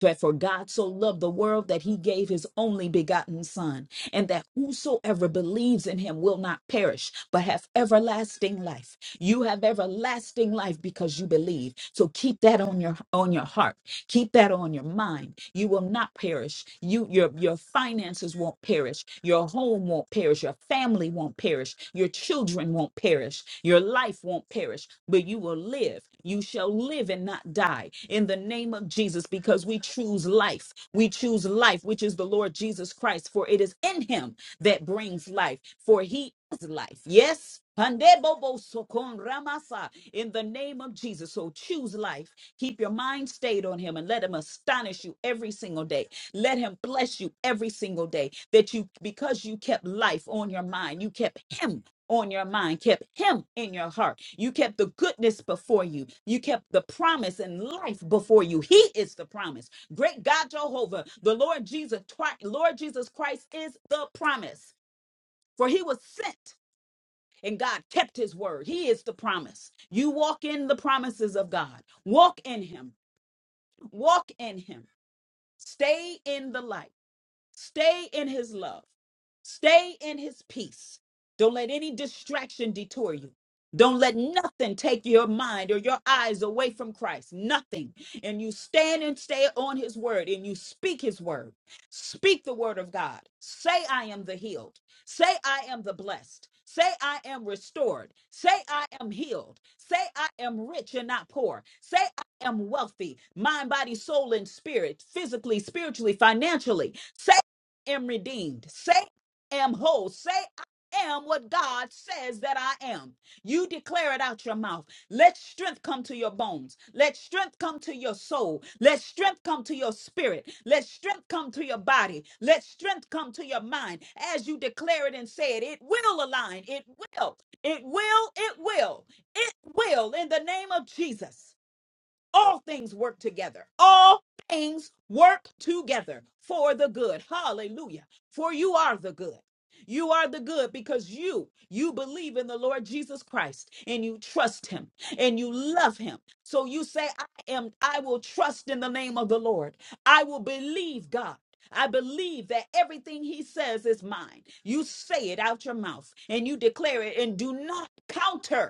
[SPEAKER 1] that for God so loved the world that he gave his only begotten Son, and that whosoever believes in him will not perish, but have everlasting life. You have everlasting life because you believe. So keep that on your on your heart. Keep that on your mind. You will not perish. You your your finances won't perish. Your home won't perish. Your family won't perish perish. Your children won't perish. Your life won't perish, but you will live. You shall live and not die in the name of Jesus because we choose life. We choose life, which is the Lord Jesus Christ, for it is in him that brings life, for he is life. Yes. Pandebobosokom ramasa. In the name of Jesus. So choose life. Keep your mind stayed on Him and let Him astonish you every single day. Let Him bless you every single day. That you, because you kept life on your mind, you kept Him on your mind, kept Him in your heart. You kept the goodness before you. You kept the promise and life before you. He is the promise. Great God Jehovah, the Lord Jesus, Christ- Lord Jesus Christ is the promise. For He was sent and God kept his word. He is the promise. You walk in the promises of God. Walk in him. Walk in him. Stay in the light. Stay in his love. Stay in his peace. Don't let any distraction detour you. Don't let nothing take your mind or your eyes away from Christ. Nothing. And you stand and stay on his word and you speak his word. Speak the word of God. Say, I am the healed. Say, I am the blessed. Say, I am restored. Say, I am healed. Say, I am rich and not poor. Say, I am wealthy, mind, body, soul, and spirit, physically, spiritually, financially. Say am redeemed. Say, I am whole. Say, I am what God says that I am. You declare it out your mouth. Let strength come to your bones. Let strength come to your soul. Let strength come to your spirit. Let strength come to your body. Let strength come to your mind. As you declare it and say it, it will align. It will. It will. It will. It will in the name of Jesus all things work together. All things work together for the good. Hallelujah. For you are the good. You are the good because you you believe in the Lord Jesus Christ and you trust him and you love him. So you say I am I will trust in the name of the Lord. I will believe God. I believe that everything he says is mine. You say it out your mouth and you declare it and do not counter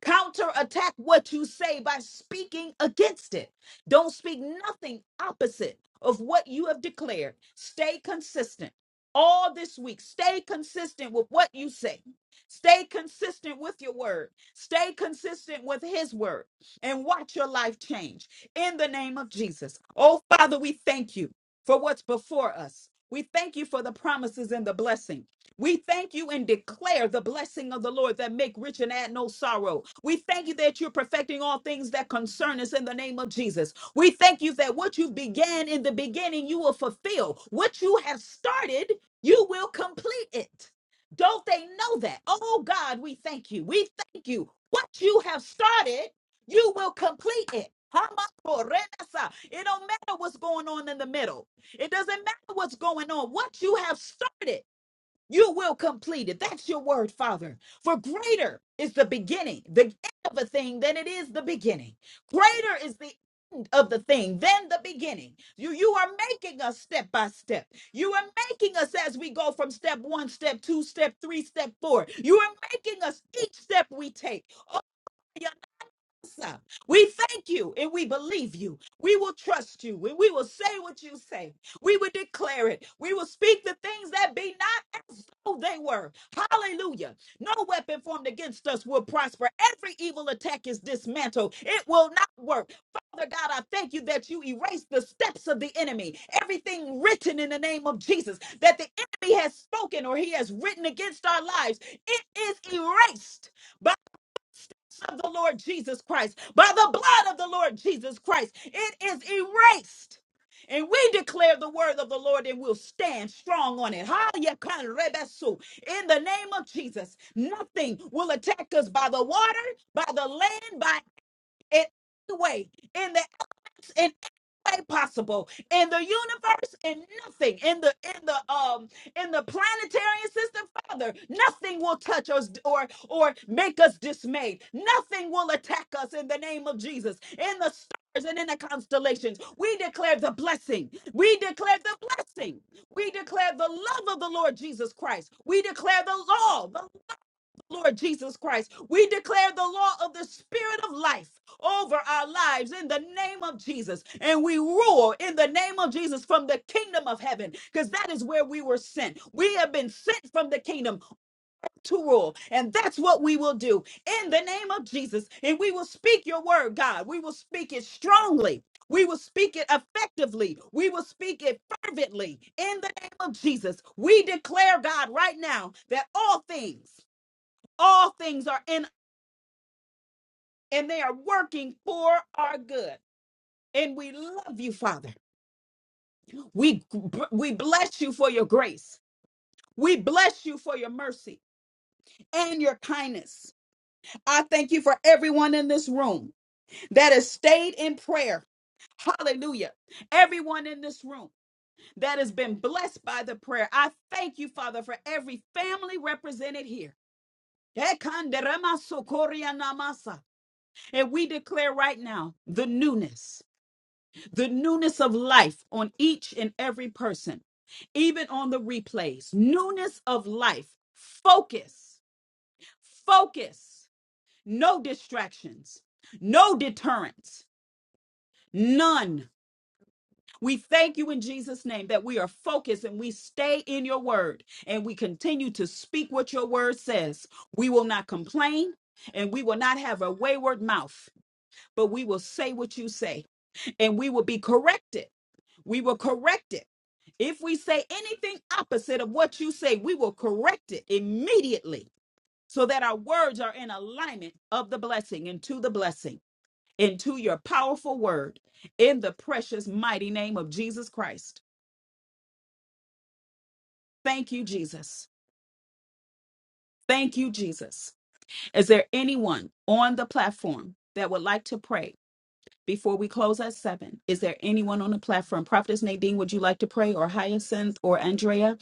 [SPEAKER 1] counterattack what you say by speaking against it. Don't speak nothing opposite of what you have declared. Stay consistent all this week. Stay consistent with what you say. Stay consistent with your word. Stay consistent with his word and watch your life change in the name of Jesus. Oh, Father, we thank you for what's before us. We thank you for the promises and the blessing. We thank you and declare the blessing of the Lord that make rich and add no sorrow. We thank you that you're perfecting all things that concern us in the name of Jesus. We thank you that what you began in the beginning, you will fulfill. What you have started, you will complete it. Don't they know that? Oh God, we thank you. We thank you. What you have started, you will complete it. Hamakorenasa. It don't matter what's going on in the middle. It doesn't matter what's going on. What you have started. You will complete it. That's your word, Father. For greater is the beginning, the end of a thing than it is the beginning. Greater is the end of the thing than the beginning. You, you are making us step by step. You are making us as we go from step one, step two, step three, step four. You are making us each step we take answer. We thank you and we believe you. We will trust you and we will say what you say. We will declare it. We will speak the things that be not as though they were. Hallelujah. No weapon formed against us will prosper. Every evil attack is dismantled. It will not work. Father God, I thank you that you erased the steps of the enemy. Everything written in the name of Jesus that the enemy has spoken or he has written against our lives, it is erased of the Lord Jesus Christ, by the blood of the Lord Jesus Christ. It is erased. And we declare the word of the Lord and we'll stand strong on it. Hallelujah, rebesu. In the name of Jesus, nothing will attack us by the water, by the land, by it. Way. In the in every way possible in the universe in nothing in the in the um in the planetary system father nothing will touch us or or make us dismayed nothing will attack us in the name of jesus in the stars and in the constellations we declare the blessing we declare the blessing we declare the love of the lord jesus christ we declare the law the Lord Jesus Christ. We declare the law of the spirit of life over our lives in the name of Jesus. And we rule in the name of Jesus from the kingdom of heaven because that is where we were sent. We have been sent from the kingdom to rule. And that's what we will do in the name of Jesus. And we will speak your word, God. We will speak it strongly. We will speak it effectively. We will speak it fervently in the name of Jesus. We declare, God, right now that all things all things are in and they are working for our good. And we love you, Father. We we bless you for your grace. We bless you for your mercy and your kindness. I thank you for everyone in this room that has stayed in prayer. Hallelujah. Everyone in this room that has been blessed by the prayer. I thank you, Father, for every family represented here. And we declare right now the newness the newness of life on each and every person, even on the replays. Newness of life, focus, focus, no distractions, no deterrence, none. We thank you in Jesus' name that we are focused and we stay in your word and we continue to speak what your word says. We will not complain and we will not have a wayward mouth, but we will say what you say and we will be corrected We will correct it. If we say anything opposite of what you say, we will correct it immediately so that our words are in alignment of the blessing and to the blessing, into your powerful word in the precious, mighty name of Jesus Christ. Thank you, Jesus. Thank you, Jesus. Is there anyone on the platform that would like to pray before we close at seven? Is there anyone on the platform? Prophetess Nadine, would you like to pray, or Hyacinth, or Andrea?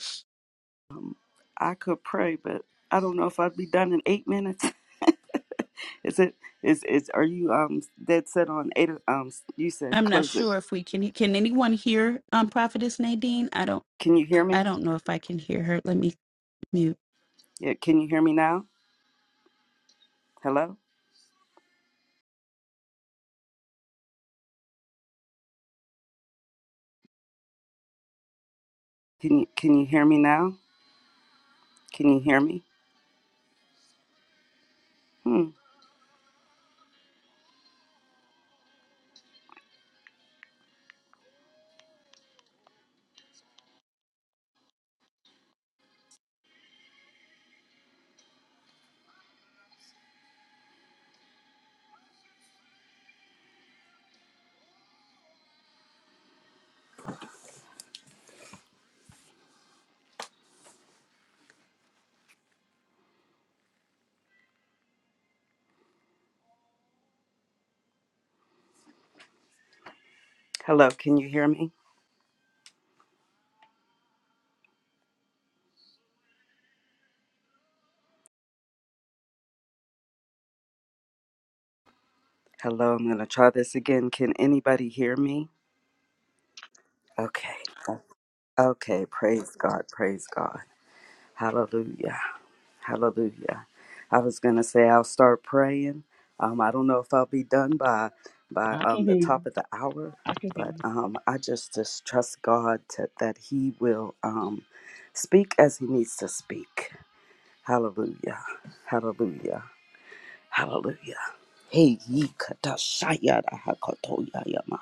[SPEAKER 2] Um, I could pray, but I don't know if I'd be done in eight minutes. is it is is are you um dead set on eight o- um you said
[SPEAKER 1] I'm not
[SPEAKER 2] close it.
[SPEAKER 1] sure if we can. Can anyone hear um, Prophetess Nadine? I don't.
[SPEAKER 2] Can you hear
[SPEAKER 1] I
[SPEAKER 2] me?
[SPEAKER 1] don't know if I can hear her. Let me mute.
[SPEAKER 2] Yeah, can you hear me now? Hello? Can you can you hear me now? Can you hear me? Hmm. Hello, can you hear me? Hello, I'm gonna try this again. Can anybody hear me? Okay. Okay, praise God, praise God. Hallelujah. Hallelujah. I was gonna say I'll start praying. Um, I don't know if I'll be done by by
[SPEAKER 3] I can
[SPEAKER 2] um, the
[SPEAKER 3] hear you.
[SPEAKER 2] top of the hour,
[SPEAKER 3] I can hear
[SPEAKER 2] but
[SPEAKER 3] you.
[SPEAKER 2] um, I just just trust God to, that He will um, speak as He needs to speak. Hallelujah. Hallelujah. Hallelujah. Hey ye katashaya da hakotoya yama.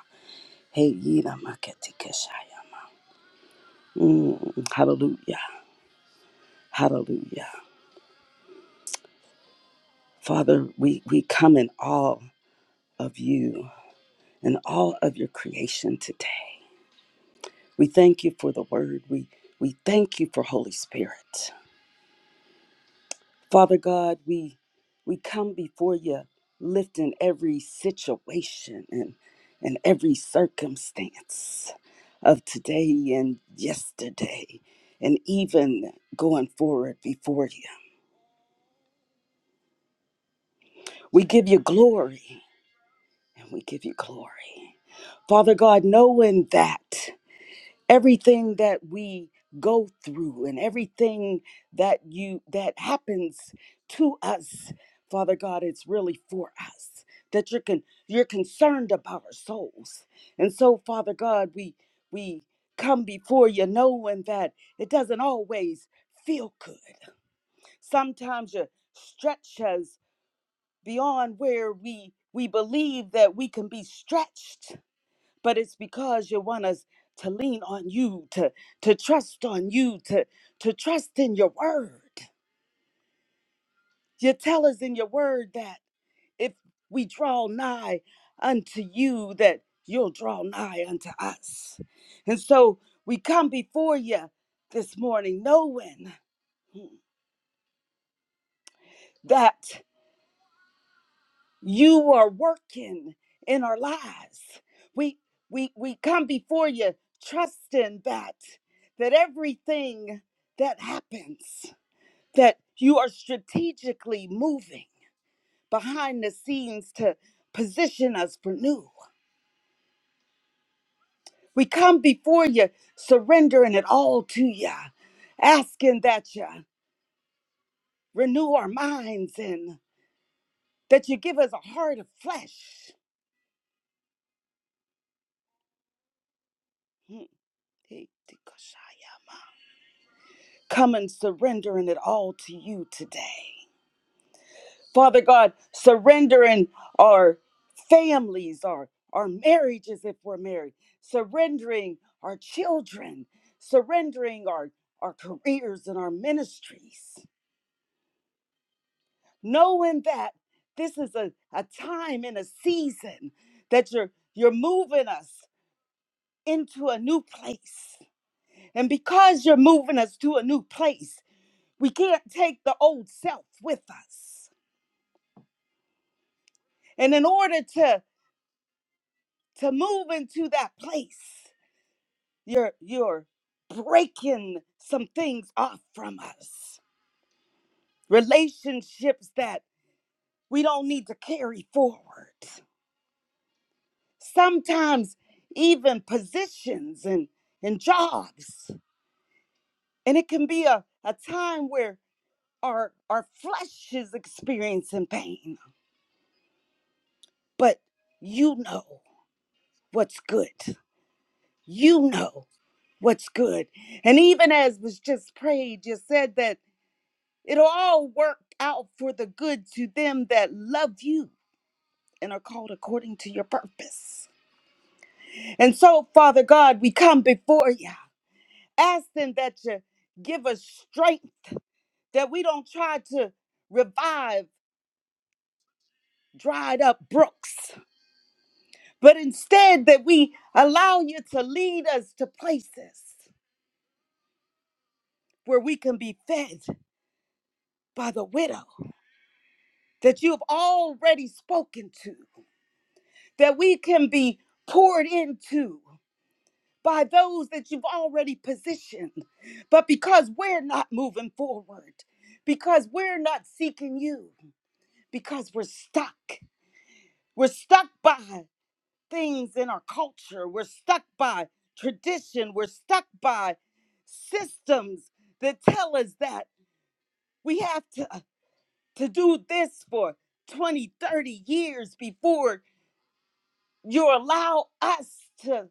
[SPEAKER 2] Hey ye na maketikeshaya. Mm, hallelujah. Hallelujah. Father, we, we come in awe of you. and all of your creation today. We thank you for the word. We we thank you for Holy Spirit. Father God, we we come before you lifting every situation and and every circumstance of today and yesterday and even going forward before you. We give you glory and we give you glory. Father God, knowing that. everything that we go through and everything that you that happens to us father god it's really for us that you're con- you're concerned about our souls and so father god we we come before you knowing that it doesn't always feel good sometimes you stretch us beyond where we we believe that we can be stretched but it's because you want us to lean on you, to to trust on you, to to trust in your word. You tell us in your word that if we draw nigh unto you, that you'll draw nigh unto us. And so we come before you this morning knowing that. you are working in our lives we we we come before you trusting that that everything that happens that you are strategically moving behind the scenes to position us for new we come before you surrendering it all to you asking that you renew our minds and that you give us a heart of flesh come and surrendering it all to you today. Father God, surrendering our families, our, our marriages if we're married, surrendering our children, surrendering our, our careers and our ministries, knowing that this is a, a time and a season that you're you're moving us into a new place. And because you're moving us to a new place, we can't take the old self with us And in order to to move into that place, you're you're breaking some things off from us. Relationships that we don't need to carry forward. Sometimes even positions and and jobs. And it can be a, a time where our our flesh is experiencing pain. But you know what's good. You know what's good. And even as was just prayed, you said that it'll all work out for the good to them that love you and are called according to your purpose. And so, Father God, we come before you, asking that you give us strength, that we don't try to revive dried up brooks, but instead that we allow you to lead us to places where we can be fed by the widow that you have already spoken to that we can be poured into by those that you've already positioned. But because we're not moving forward, because we're not seeking you, because we're stuck, we're stuck by things in our culture, we're stuck by tradition, we're stuck by systems that tell us that we have to, to do this for 20, 30 years before you allow us to.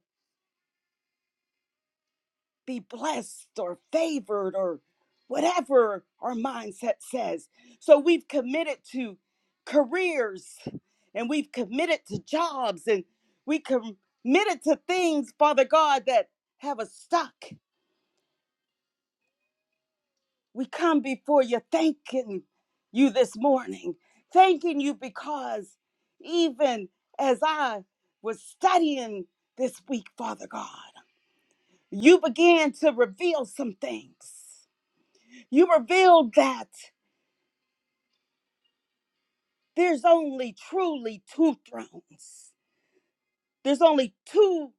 [SPEAKER 2] be blessed or favored or whatever our mindset says. So we've committed to careers and we've committed to jobs and we committed to things, Father God, that have us stuck. We come before you thanking you this morning, thanking you because even as I was studying this week, Father God, you began to reveal some things. You revealed that there's only truly two thrones. There's only two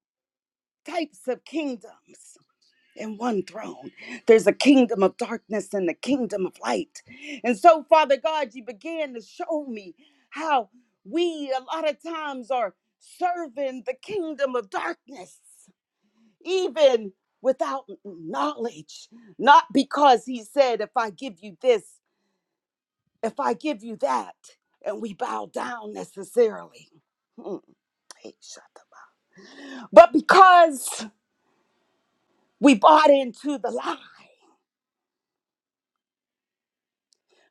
[SPEAKER 2] types of kingdoms and one throne. There's a kingdom of darkness and the kingdom of light. And so, Father God, you began to show me how we a lot of times are serving the kingdom of darkness, even without knowledge. Not because he said, if I give you this, If I give you that and we bow down necessarily, Hmm, hey, shut up. but because we bought into the lie,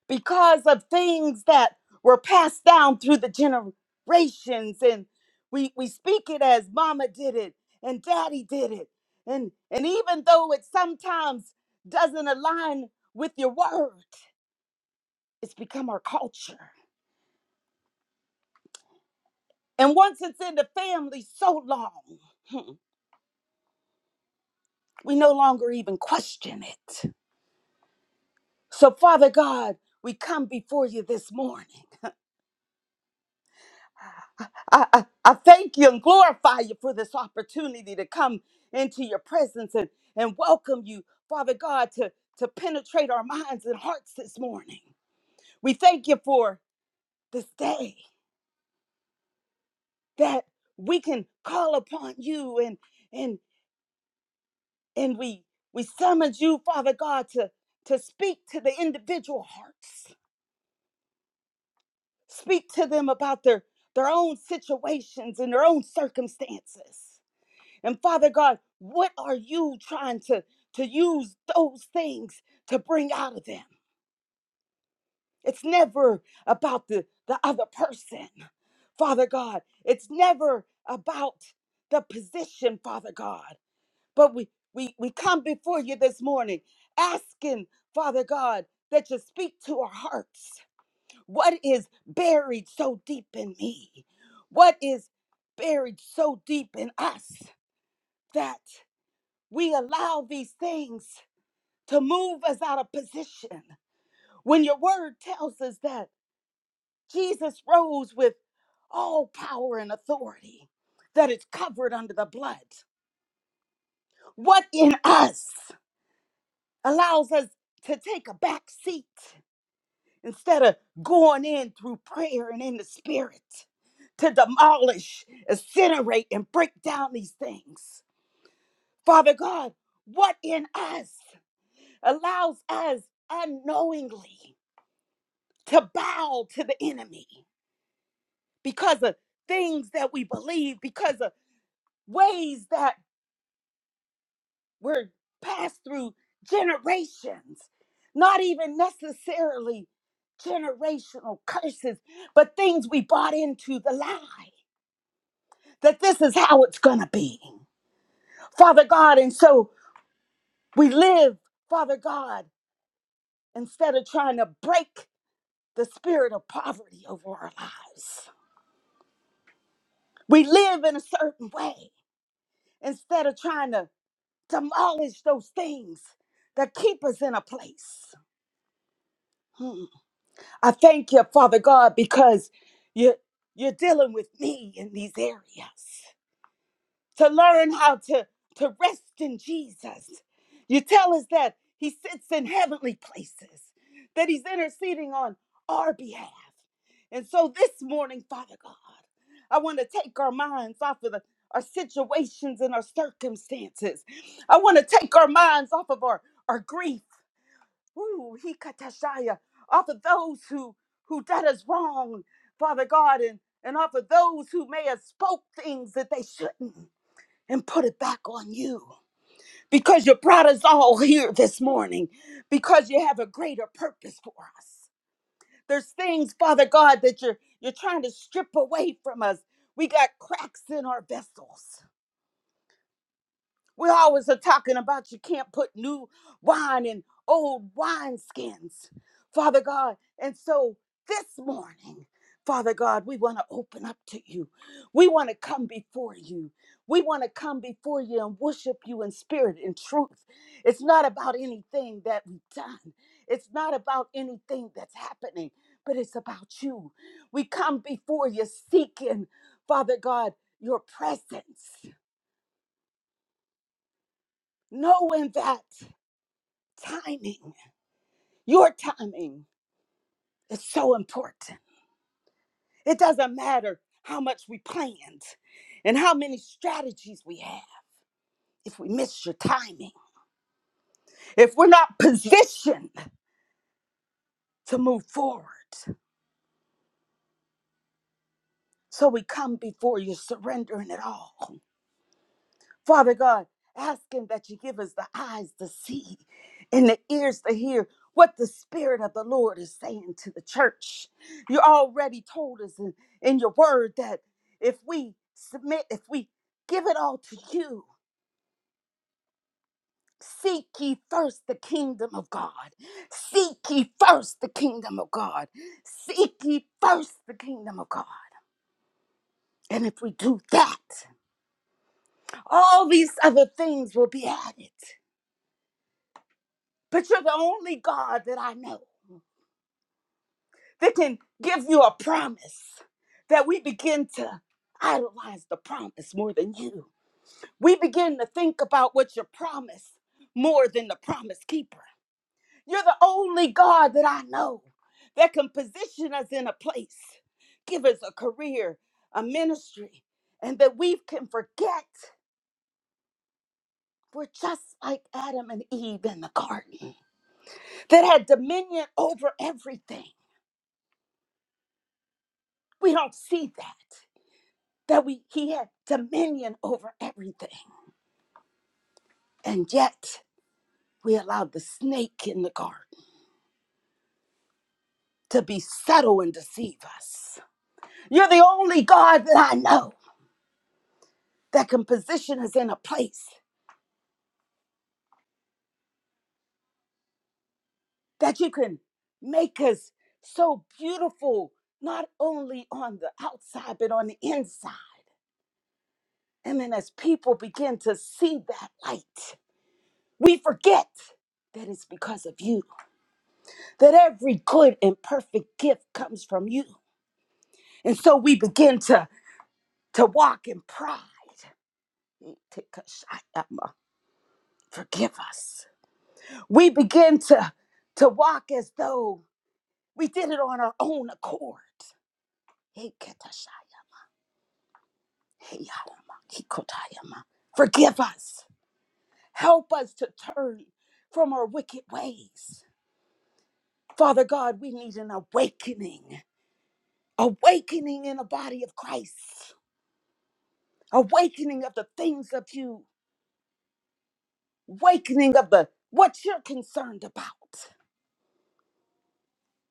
[SPEAKER 2] because of things that were passed down through the generations, and we, we speak it as mama did it and daddy did it. And, and even though it sometimes doesn't align with your word, it's become our culture. And once it's in the family so long, hmm, we no longer even question it. So, Father God, we come before you this morning. I, I, I thank you and glorify you for this opportunity to come into your presence and, and welcome you, Father God, to, to penetrate our minds and hearts this morning. We thank you for this day that we can call upon you and and and we we summons you, Father God, to, to speak to the individual hearts Speak to them about their, their own situations and their own circumstances. And Father God, what are you trying to, to use those things to bring out of them? It's never about the, the other person, Father God. It's never about the position, Father God. But we, we, we come before you this morning asking, Father God, that you speak to our hearts what is buried so deep in me? What is buried so deep in us that we allow these things to move us out of position? When your word tells us that Jesus rose with all power and authority, that it's covered under the blood, what in us allows us to take a back seat instead of going in through prayer and in the spirit to demolish, incinerate, and break down these things. Father God, what in us allows us unknowingly to bow to the enemy because of things that we believe, because of ways that were passed through generations, not even necessarily generational curses, but things we bought into the lie. that this is how it's going to be. Father God, and so we live, Father God, instead of trying to break the spirit of poverty over our lives. We live in a certain way instead of trying to demolish those things that keep us in a place. Hmm. I thank you, Father God, because you, you're dealing with me in these areas. to learn how to, to rest in Jesus. You tell us that He sits in heavenly places, that He's interceding on our behalf. And so this morning, Father God, I want to take our minds off of the, our situations and our circumstances. I want to take our minds off of our, our grief. Ooh, he katashaya, off of those who who did us wrong, Father God, and, and off of those who may have spoke things that they shouldn't and put it back on you because you brought us all here this morning because you have a greater purpose for us. There's things, Father God, that you're you're trying to strip away from us. We got cracks in our vessels. We always are talking about you can't put new wine in old wineskins, Father God. And so this morning, Father God, we want to open up to you. We want to come before you. We want to come before you and worship you in spirit and truth. It's not about anything that we've done, it's not about anything that's happening, but it's about you. We come before you seeking, Father God, your presence, knowing that. timing. Your timing is so important. It doesn't matter how much we planned and how many strategies we have. If we miss your timing, if we're not positioned to move forward, so we come before you surrendering it all. Father God, asking that you give us the eyes to see and the ears to hear what the Spirit of the Lord is saying to the church. You already told us in, in your word that if we submit, if we give it all to you, seek ye first the kingdom of God. Seek ye first the kingdom of God. Seek ye first the kingdom of God. And if we do that, all these other things will be added. But you're the only God that I know that can give you a promise that we begin to idolize the promise more than you. We begin to think about what your promise more than the promise keeper. You're the only God that I know that can position us in a place, give us a career, a ministry, and that we can forget we're just like Adam and Eve in the garden that had dominion over everything We don't see that. That we he had dominion over everything. And yet we allowed the snake in the garden to be subtle and deceive us. You're the only God that I know that can position us in a place that you can make us so beautiful, not only on the outside, but on the inside. And then as people begin to see that light, we forget that it's because of you. that every good and perfect gift comes from you. And so we begin to, to walk in pride. Forgive us. We begin to, to walk as though we did it on our own accord. Forgive us. Help us to turn from our wicked ways. Father God, we need an awakening, awakening in the body of Christ, awakening of the things of you awakening of the what you're concerned about.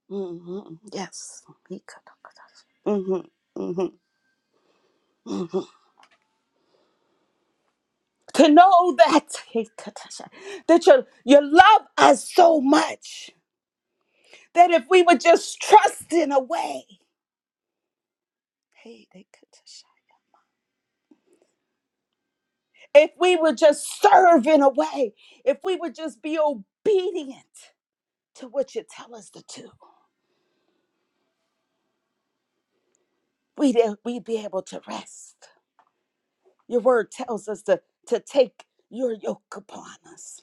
[SPEAKER 2] hmm Yes. hmm hmm hmm To know that that you you love us so much that if we would just trust in a way, if we would just serve in a way, if we would just be obedient to what you tell us to do, we'd, we'd be able to rest. Your word tells us to, to take your yoke upon us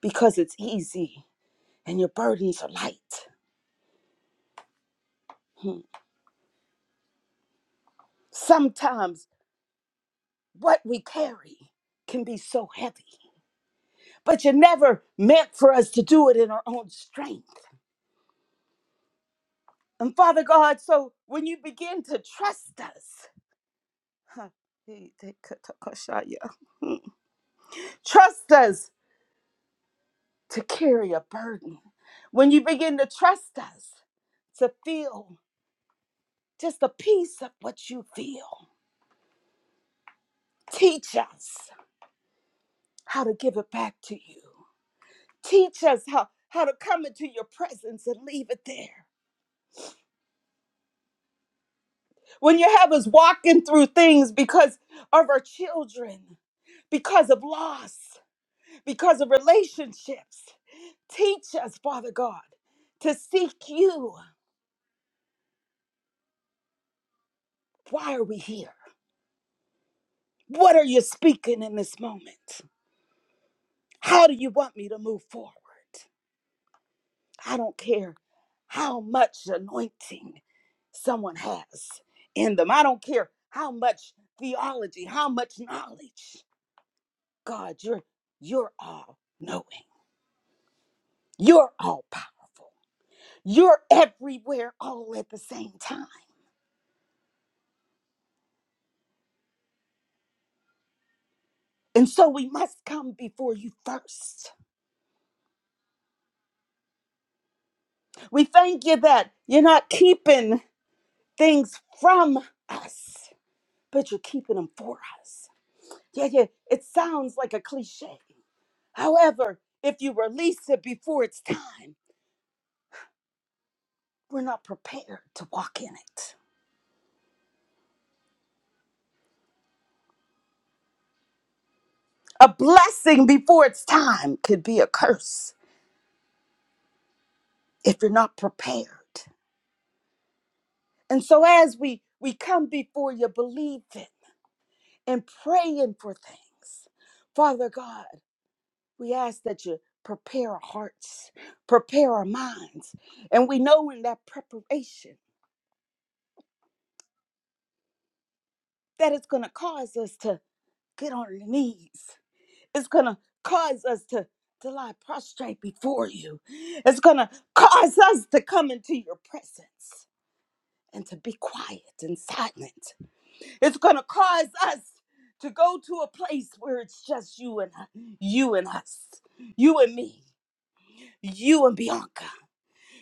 [SPEAKER 2] because it's easy and your burdens are light. Hmm. Sometimes what we carry can be so heavy, but you never meant for us to do it in our own strength. And Father God, so when you begin to trust us, huh, he- they could talk about shot, yeah. trust us to carry a burden. When you begin to trust us to feel just a piece of what you feel Teach us how to give it back to you. Teach us how, how to come into your presence and leave it there. When you have us walking through things because of our children, because of loss, because of relationships, teach us, Father God, to seek you. Why are we here? What are you speaking in this moment? How do you want me to move forward? I don't care how much anointing someone has in them. I don't care how much theology, how much knowledge. God, you're you're all knowing. You're all powerful. You're everywhere all at the same time. And so we must come before you first. We thank you that you're not keeping things from us, but you're keeping them for us. Yeah, yeah, it sounds like a cliche. However, if you release it before it's time, We're not prepared to walk in it. A blessing before its time could be a curse if you're not prepared. And so as we we come before you believing and praying for things, Father God, we ask that you prepare our hearts, prepare our minds. And we know in that preparation that it's going to cause us to get on our knees It's going to cause us to, to lie prostrate before you. It's going to cause us to come into your presence and to be quiet and silent. It's going to cause us to go to a place where it's just you and you and us, you and me, you and Bianca,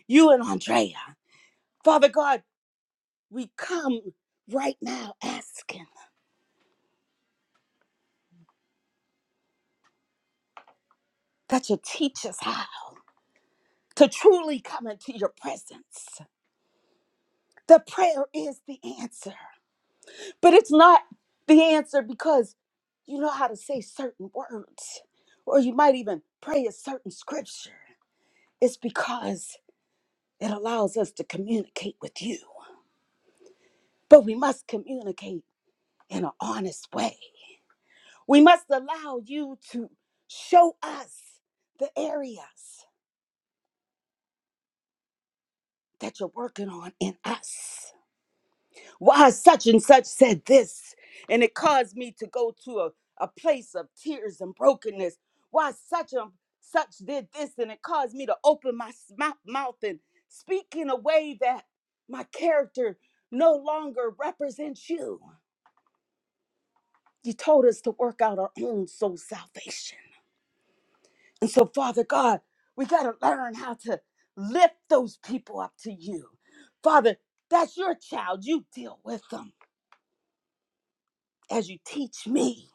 [SPEAKER 2] you and Andrea. Father God, we come right now asking that you teach us how to truly come into your presence. The prayer is the answer. But it's not the answer because you know how to say certain words, or you might even pray a certain scripture. It's because it allows us to communicate with you. But we must communicate in an honest way. We must allow you to show us the areas that you're working on in us. why such and such said this and it caused me to go to a, a place of tears and brokenness why such and such did this and it caused me to open my s- mou- mouth and speak in a way that my character no longer represents you you told us to work out our own soul salvation and so father god we got to learn how to lift those people up to you father that's your child you deal with them as you teach me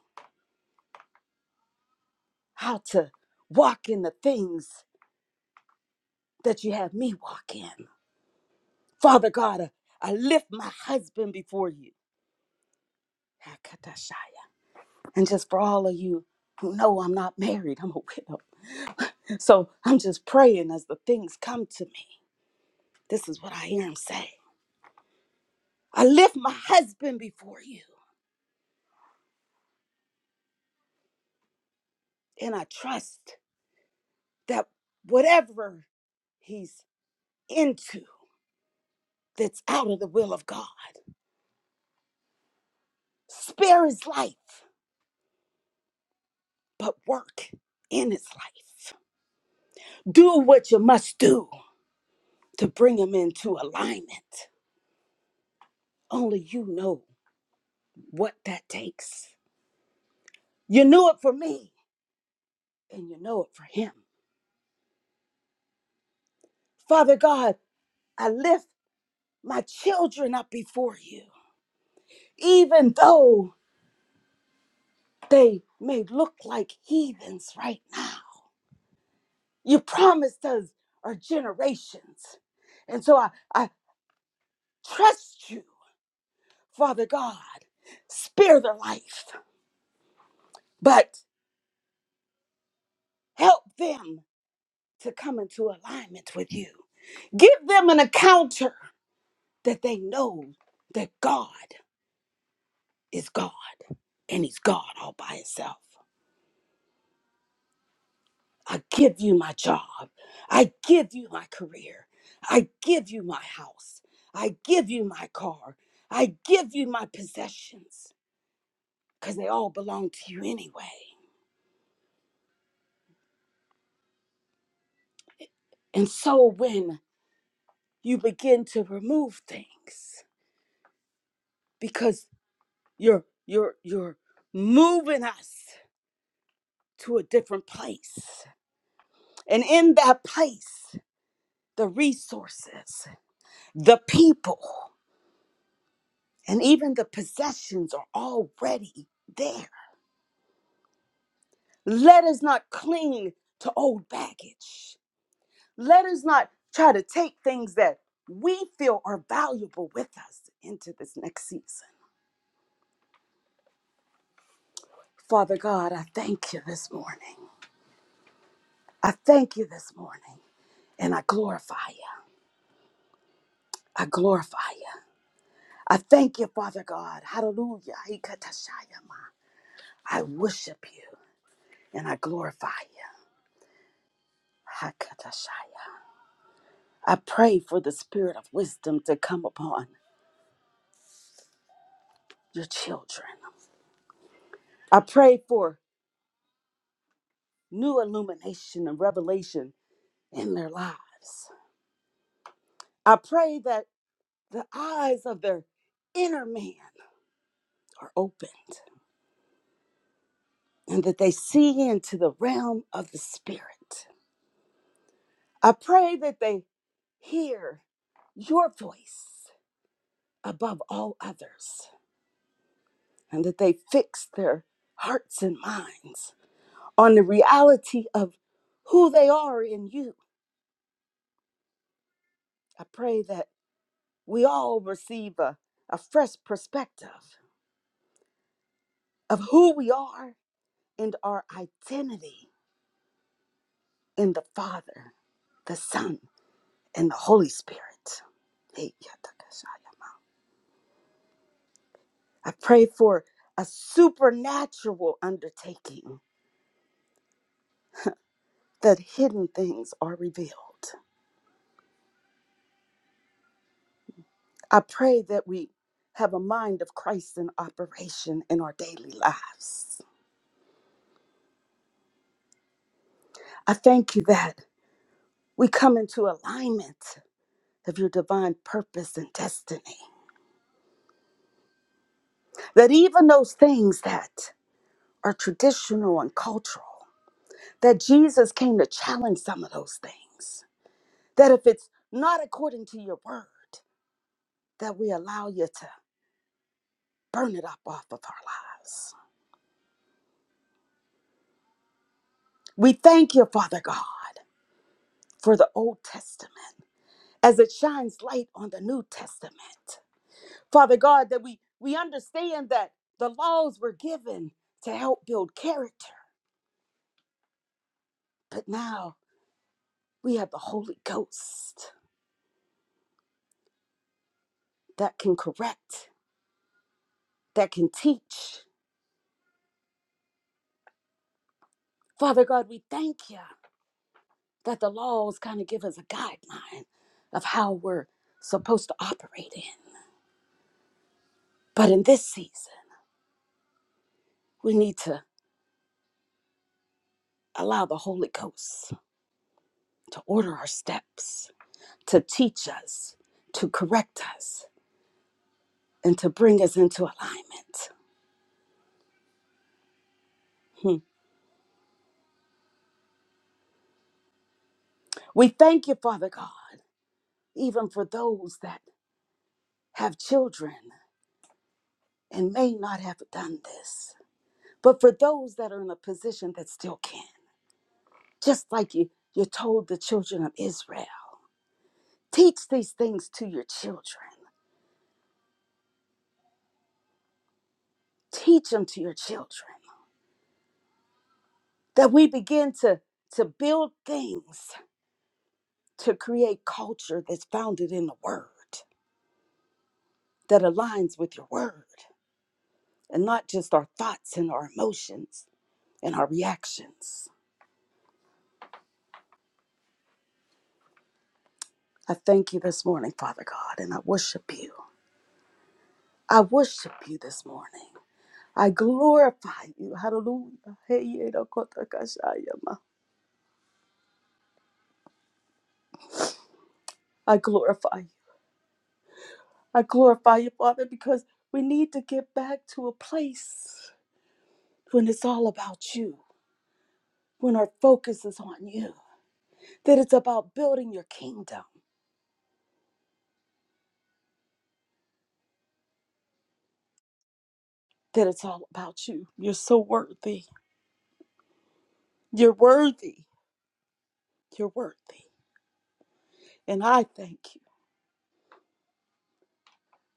[SPEAKER 2] how to walk in the things that you have me walk in. Father God, I I lift my husband before you. Hakatashaya. And just for all of you who know I'm not married, I'm a widow. So I'm just praying as the things come to me. This is what I hear him say. I lift my husband before you, and I trust that whatever he's into that's out of the will of God, spare his life, but work in his life. do what you must do to bring them into alignment. Only you know what that takes. You knew it for me, and you know it for him. Father God, I lift my children up before you, even though they may look like heathens right now. You promised us our generations. And so I, I trust you, Father God. Spare their life, but help them to come into alignment with you. Give them an encounter that they know that God is God and He's God all by Himself. I give you my job. I give you my career. I give you my house. I give you my car. I give you my possessions because they all belong to you anyway. And so when you begin to remove things because you're you're you're moving us to a different place. And in that place, the resources, the people, and even the possessions are already there. Let us not cling to old baggage. Let us not try to take things that we feel are valuable with us into this next season. Father God, I thank you this morning. I thank you this morning, and I glorify you. I glorify you. I thank you, Father God. Hallelujah. I worship you and I glorify you. Hakatashaya. I pray for the spirit of wisdom to come upon your children. I pray for new illumination and revelation in their lives. I pray that the eyes of their inner man are opened and that they see into the realm of the spirit. I pray that they hear your voice above all others and that they fix their hearts and minds on the reality of who they are in you. I pray that we all receive a, a fresh perspective of who we are and our identity in the Father, the Son, and the Holy Spirit. Hey, yatakashaya. I pray for a supernatural undertaking that hidden things are revealed I pray that we have a mind of Christ in operation in our daily lives. I thank you that we come into alignment of your divine purpose and destiny. That even those things that are traditional and cultural, that Jesus came to challenge some of those things. That if it's not according to your word, that we allow you to burn it up off of our lives. We thank you, Father God, for the Old Testament as it shines light on the New Testament. Father God, that we, we understand that the laws were given to help build character, but now we have the Holy Ghost that can correct, that can teach. Father God, we thank you that the laws kind of give us a guideline of how we're supposed to operate in. But in this season, we need to allow the Holy Ghost to order our steps, to teach us, to correct us and to bring us into alignment. Hmm. We thank you, Father God, even for those that have children and may not have done this, but for those that are in a position that still can, just like you, you told the children of Israel, teach these things to your children, teach them to your children, that we begin to, to build things to create culture that's founded in the word, that aligns with your word and not just our thoughts and our emotions and our reactions. I thank you this morning, Father God, and I worship you. I worship you this morning. I glorify you. Hallelujah. Hey, yedokotakashayama. I glorify you. I glorify you, Father, because we need to get back to a place when it's all about you, when our focus is on you, that it's about building your kingdom, that it's all about you. You're so worthy. You're worthy. You're worthy. And I thank you.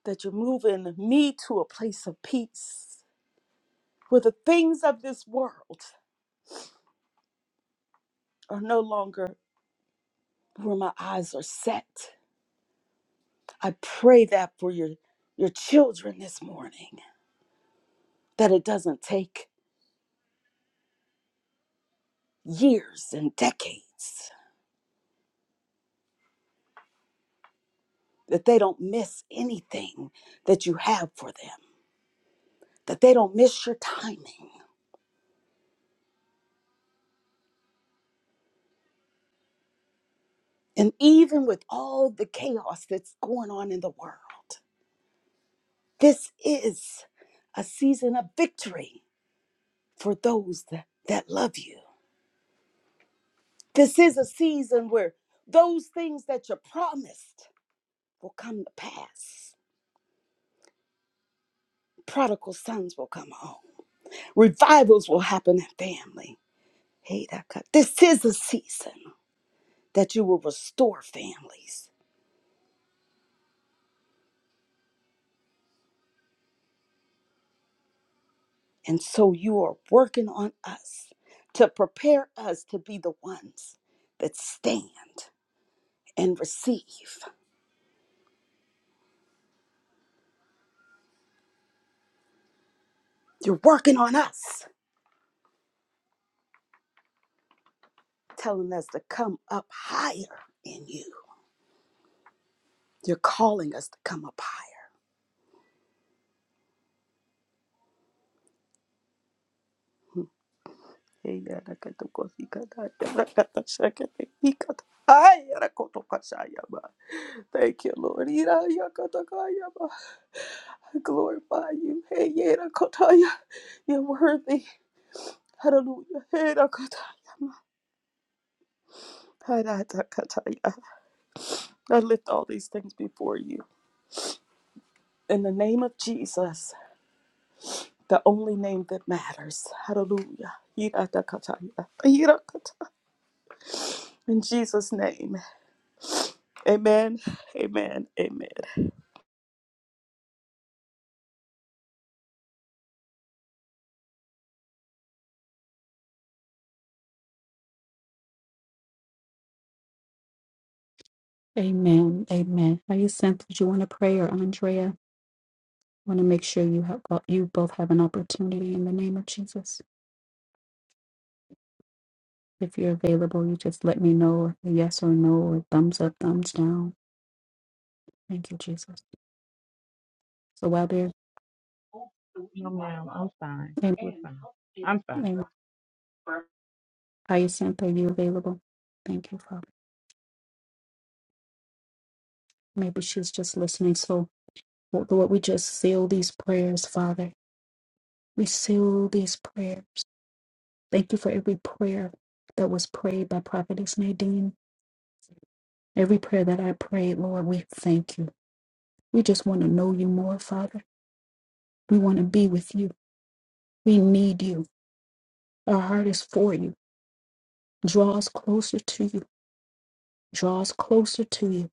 [SPEAKER 2] that you're moving me to a place of peace where the things of this world are no longer where my eyes are set. I pray that for your your children this morning that it doesn't take years and decades that they don't miss anything that you have for them that they don't miss your timing and even with all the chaos that's going on in the world this is a season of victory for those that, that love you. This is a season where those things that you promised will come to pass. Prodigal sons will come home. Revivals will happen in family. Hey, that cut. This is a season that you will restore families. And so you are working on us to prepare us to be the ones that stand and receive. You're working on us, telling us to come up higher in you You're calling us to come up higher. Hmm. Thank you, Lord. I glorify you. You're worthy. Hallelujah. I lift all these things before you. In the name of Jesus, the only name that matters. Hallelujah. In Jesus' name. Amen. Amen. Amen.
[SPEAKER 1] Amen. Amen. Are you sent? Do you want to pray or Andrea? want to make sure you have you both have an opportunity in the name of Jesus. If you're available, you just let me know a yes or no or thumbs up, thumbs down. Thank you, Jesus. So while they're
[SPEAKER 3] No, ma'am. I'm fine.
[SPEAKER 1] amen,
[SPEAKER 3] We're fine. I'm fine.
[SPEAKER 1] amen. Hyacinth, are you available? Thank you, Father. Maybe she's just listening. So Lord, we just seal these prayers, Father. We seal these prayers. Thank you for every prayer that was prayed by Prophetess Nadine. Every prayer that I prayed, Lord, we thank you. We just want to know you more, Father. We want to be with you. We need you. Our heart is for you. Draw us closer to you. Draw us closer to you.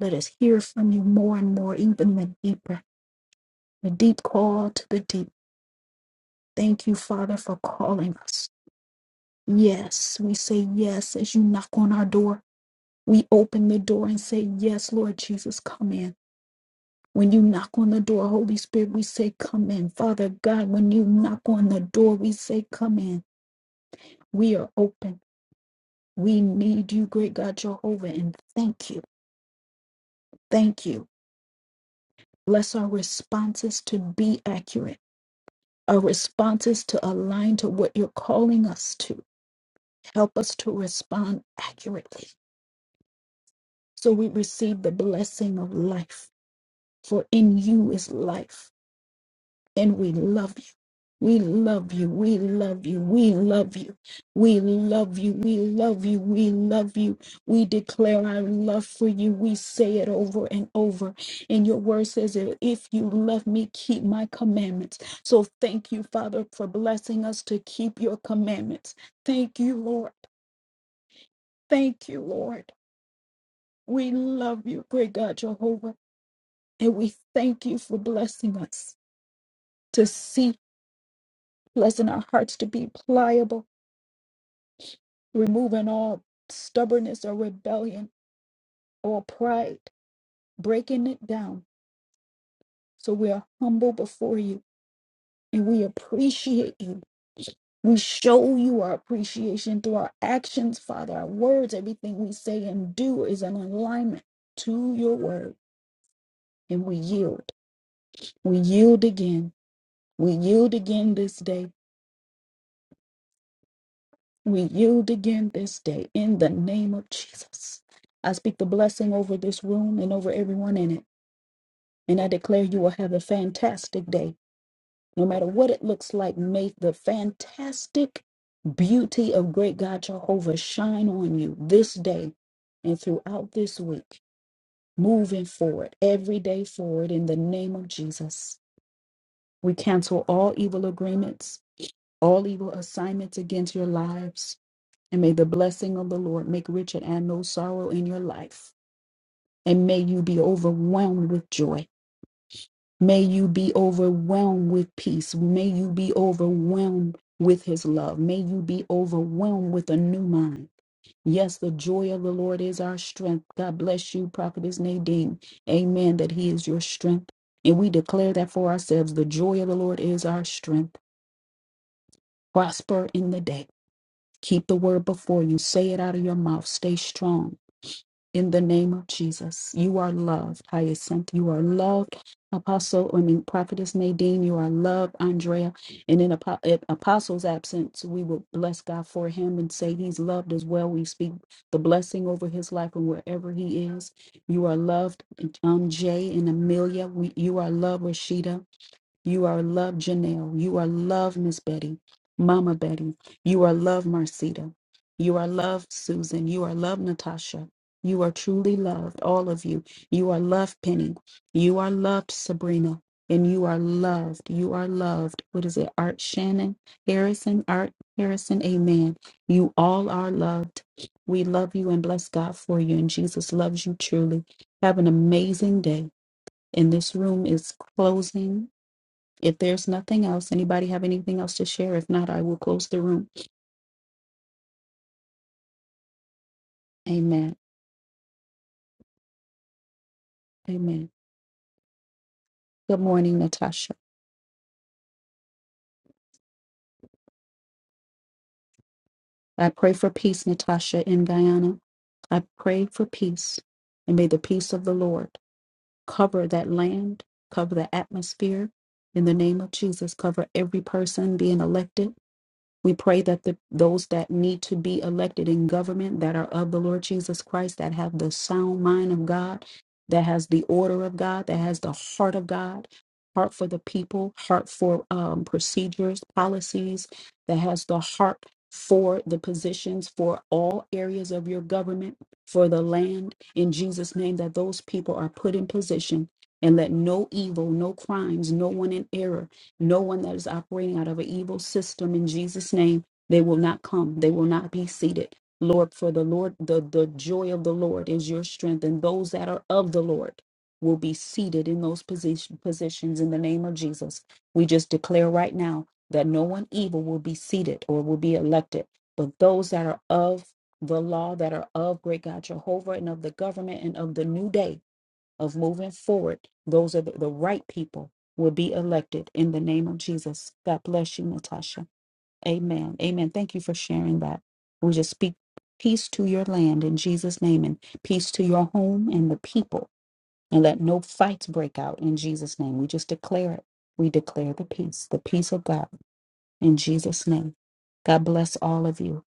[SPEAKER 1] Let us hear from you more and more, even the deeper, the deep call to the deep. Thank you, Father, for calling us. Yes, we say yes as you knock on our door. We open the door and say, Yes, Lord Jesus, come in. When you knock on the door, Holy Spirit, we say, Come in. Father God, when you knock on the door, we say, Come in. We are open. We need you, great God Jehovah, and thank you. Thank you. Bless our responses to be accurate, our responses to align to what you're calling us to. Help us to respond accurately so we receive the blessing of life. For in you is life. and we love you. We love you. We love you. We love you. We love you. We love you. We love you. We declare our love for you. We say it over and over. And your word says, that if you love me, keep my commandments. So thank you, Father, for blessing us to keep your commandments. Thank you, Lord. Thank you, Lord. We love you, great God Jehovah. And we thank you for blessing us to see, blessing our hearts to be pliable removing all stubbornness or rebellion or pride, breaking it down. So we are humble before you and we appreciate you. We show you our appreciation through our actions, Father. Our words, everything we say and do is in alignment to your word. And we yield. We yield again. We yield again this day. We yield again this day in the name of Jesus. I speak the blessing over this room and over everyone in it And I declare you will have a fantastic day, no matter what it looks like. May the fantastic beauty of great God Jehovah shine on you this day and throughout this week, moving forward, every day forward, in the name of Jesus. We cancel all evil agreements, all evil assignments against your lives, and may the blessing of the Lord make rich and add no sorrow in your life. And may you be overwhelmed with joy May you be overwhelmed with peace. May you be overwhelmed with his love. May you be overwhelmed with a new mind. Yes, the joy of the Lord is our strength. God bless you, Prophetess Nadine. Amen, that he is your strength. And we declare that for ourselves the joy of the Lord is our strength. Prosper in the day. Keep the word before you. Say it out of your mouth. Stay strong in the name of Jesus. You are loved, Hyacinth. You are loved, Apostle, I mean, Prophetess Nadine. You are loved, Andrea. And in Apo- in Apostle's absence, we will bless God for him and say he's loved as well. We speak the blessing over his life and wherever he is. You are loved, um, Jay and Amelia. We, you are loved, Rashida. You are loved, Janelle. You are loved, Miss Betty, Mama Betty. You are loved, Marcita. You are loved, Susan. You are loved, Natasha. You are truly loved, all of you. You are loved, Penny. You are loved, Sabrina. And you are loved. You are loved. What is it? Art Shannon Harrison. Art Harrison. Amen. You all are loved. We love you and bless God for you. And Jesus loves you truly. Have an amazing day. And this room is closing if there's nothing else, anybody have anything else to share? If not, I will close the room. Amen. Amen. Good morning, Natasha. I pray for peace, Natasha, in Guyana. I pray for peace, and may the peace of the Lord cover that land, cover the atmosphere. In the name of Jesus, cover every person being elected. We pray that the, those that need to be elected in government that are of the Lord Jesus Christ, that have the sound mind of God, that has the order of God, that has the heart of God, heart for the people, heart for um, procedures, policies, that has the heart for the positions for all areas of your government, for the land. In Jesus' name, that those people are put in position and let no evil, no crimes, no one in error no one that is operating out of an evil system in Jesus' name, they will not come. They will not be seated. Lord, for the Lord, the, the joy of the Lord is your strength, and those that are of the Lord will be seated in those position, positions in the name of Jesus. We just declare right now that no one evil will be seated or will be elected, but those that are of the law, that are of great God Jehovah and of the government and of the new day of moving forward, those are the, the right people will be elected in the name of Jesus. God bless you, Natasha. Amen. Amen. Thank you for sharing that. We just speak peace to your land in Jesus' name and peace to your home and the people. And let no fights break out in Jesus' name. We just declare it. We declare the peace, the peace of God in Jesus' name. God bless all of you.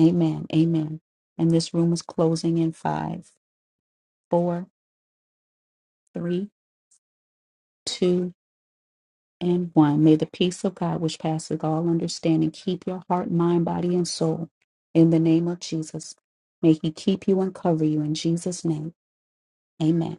[SPEAKER 1] Amen. Amen. And this room is closing in five, four, three, two. and 1. May the peace of God, which passes all understanding, keep your heart, mind, body, and soul in the name of Jesus. May He keep you and cover you in Jesus' name. Amen.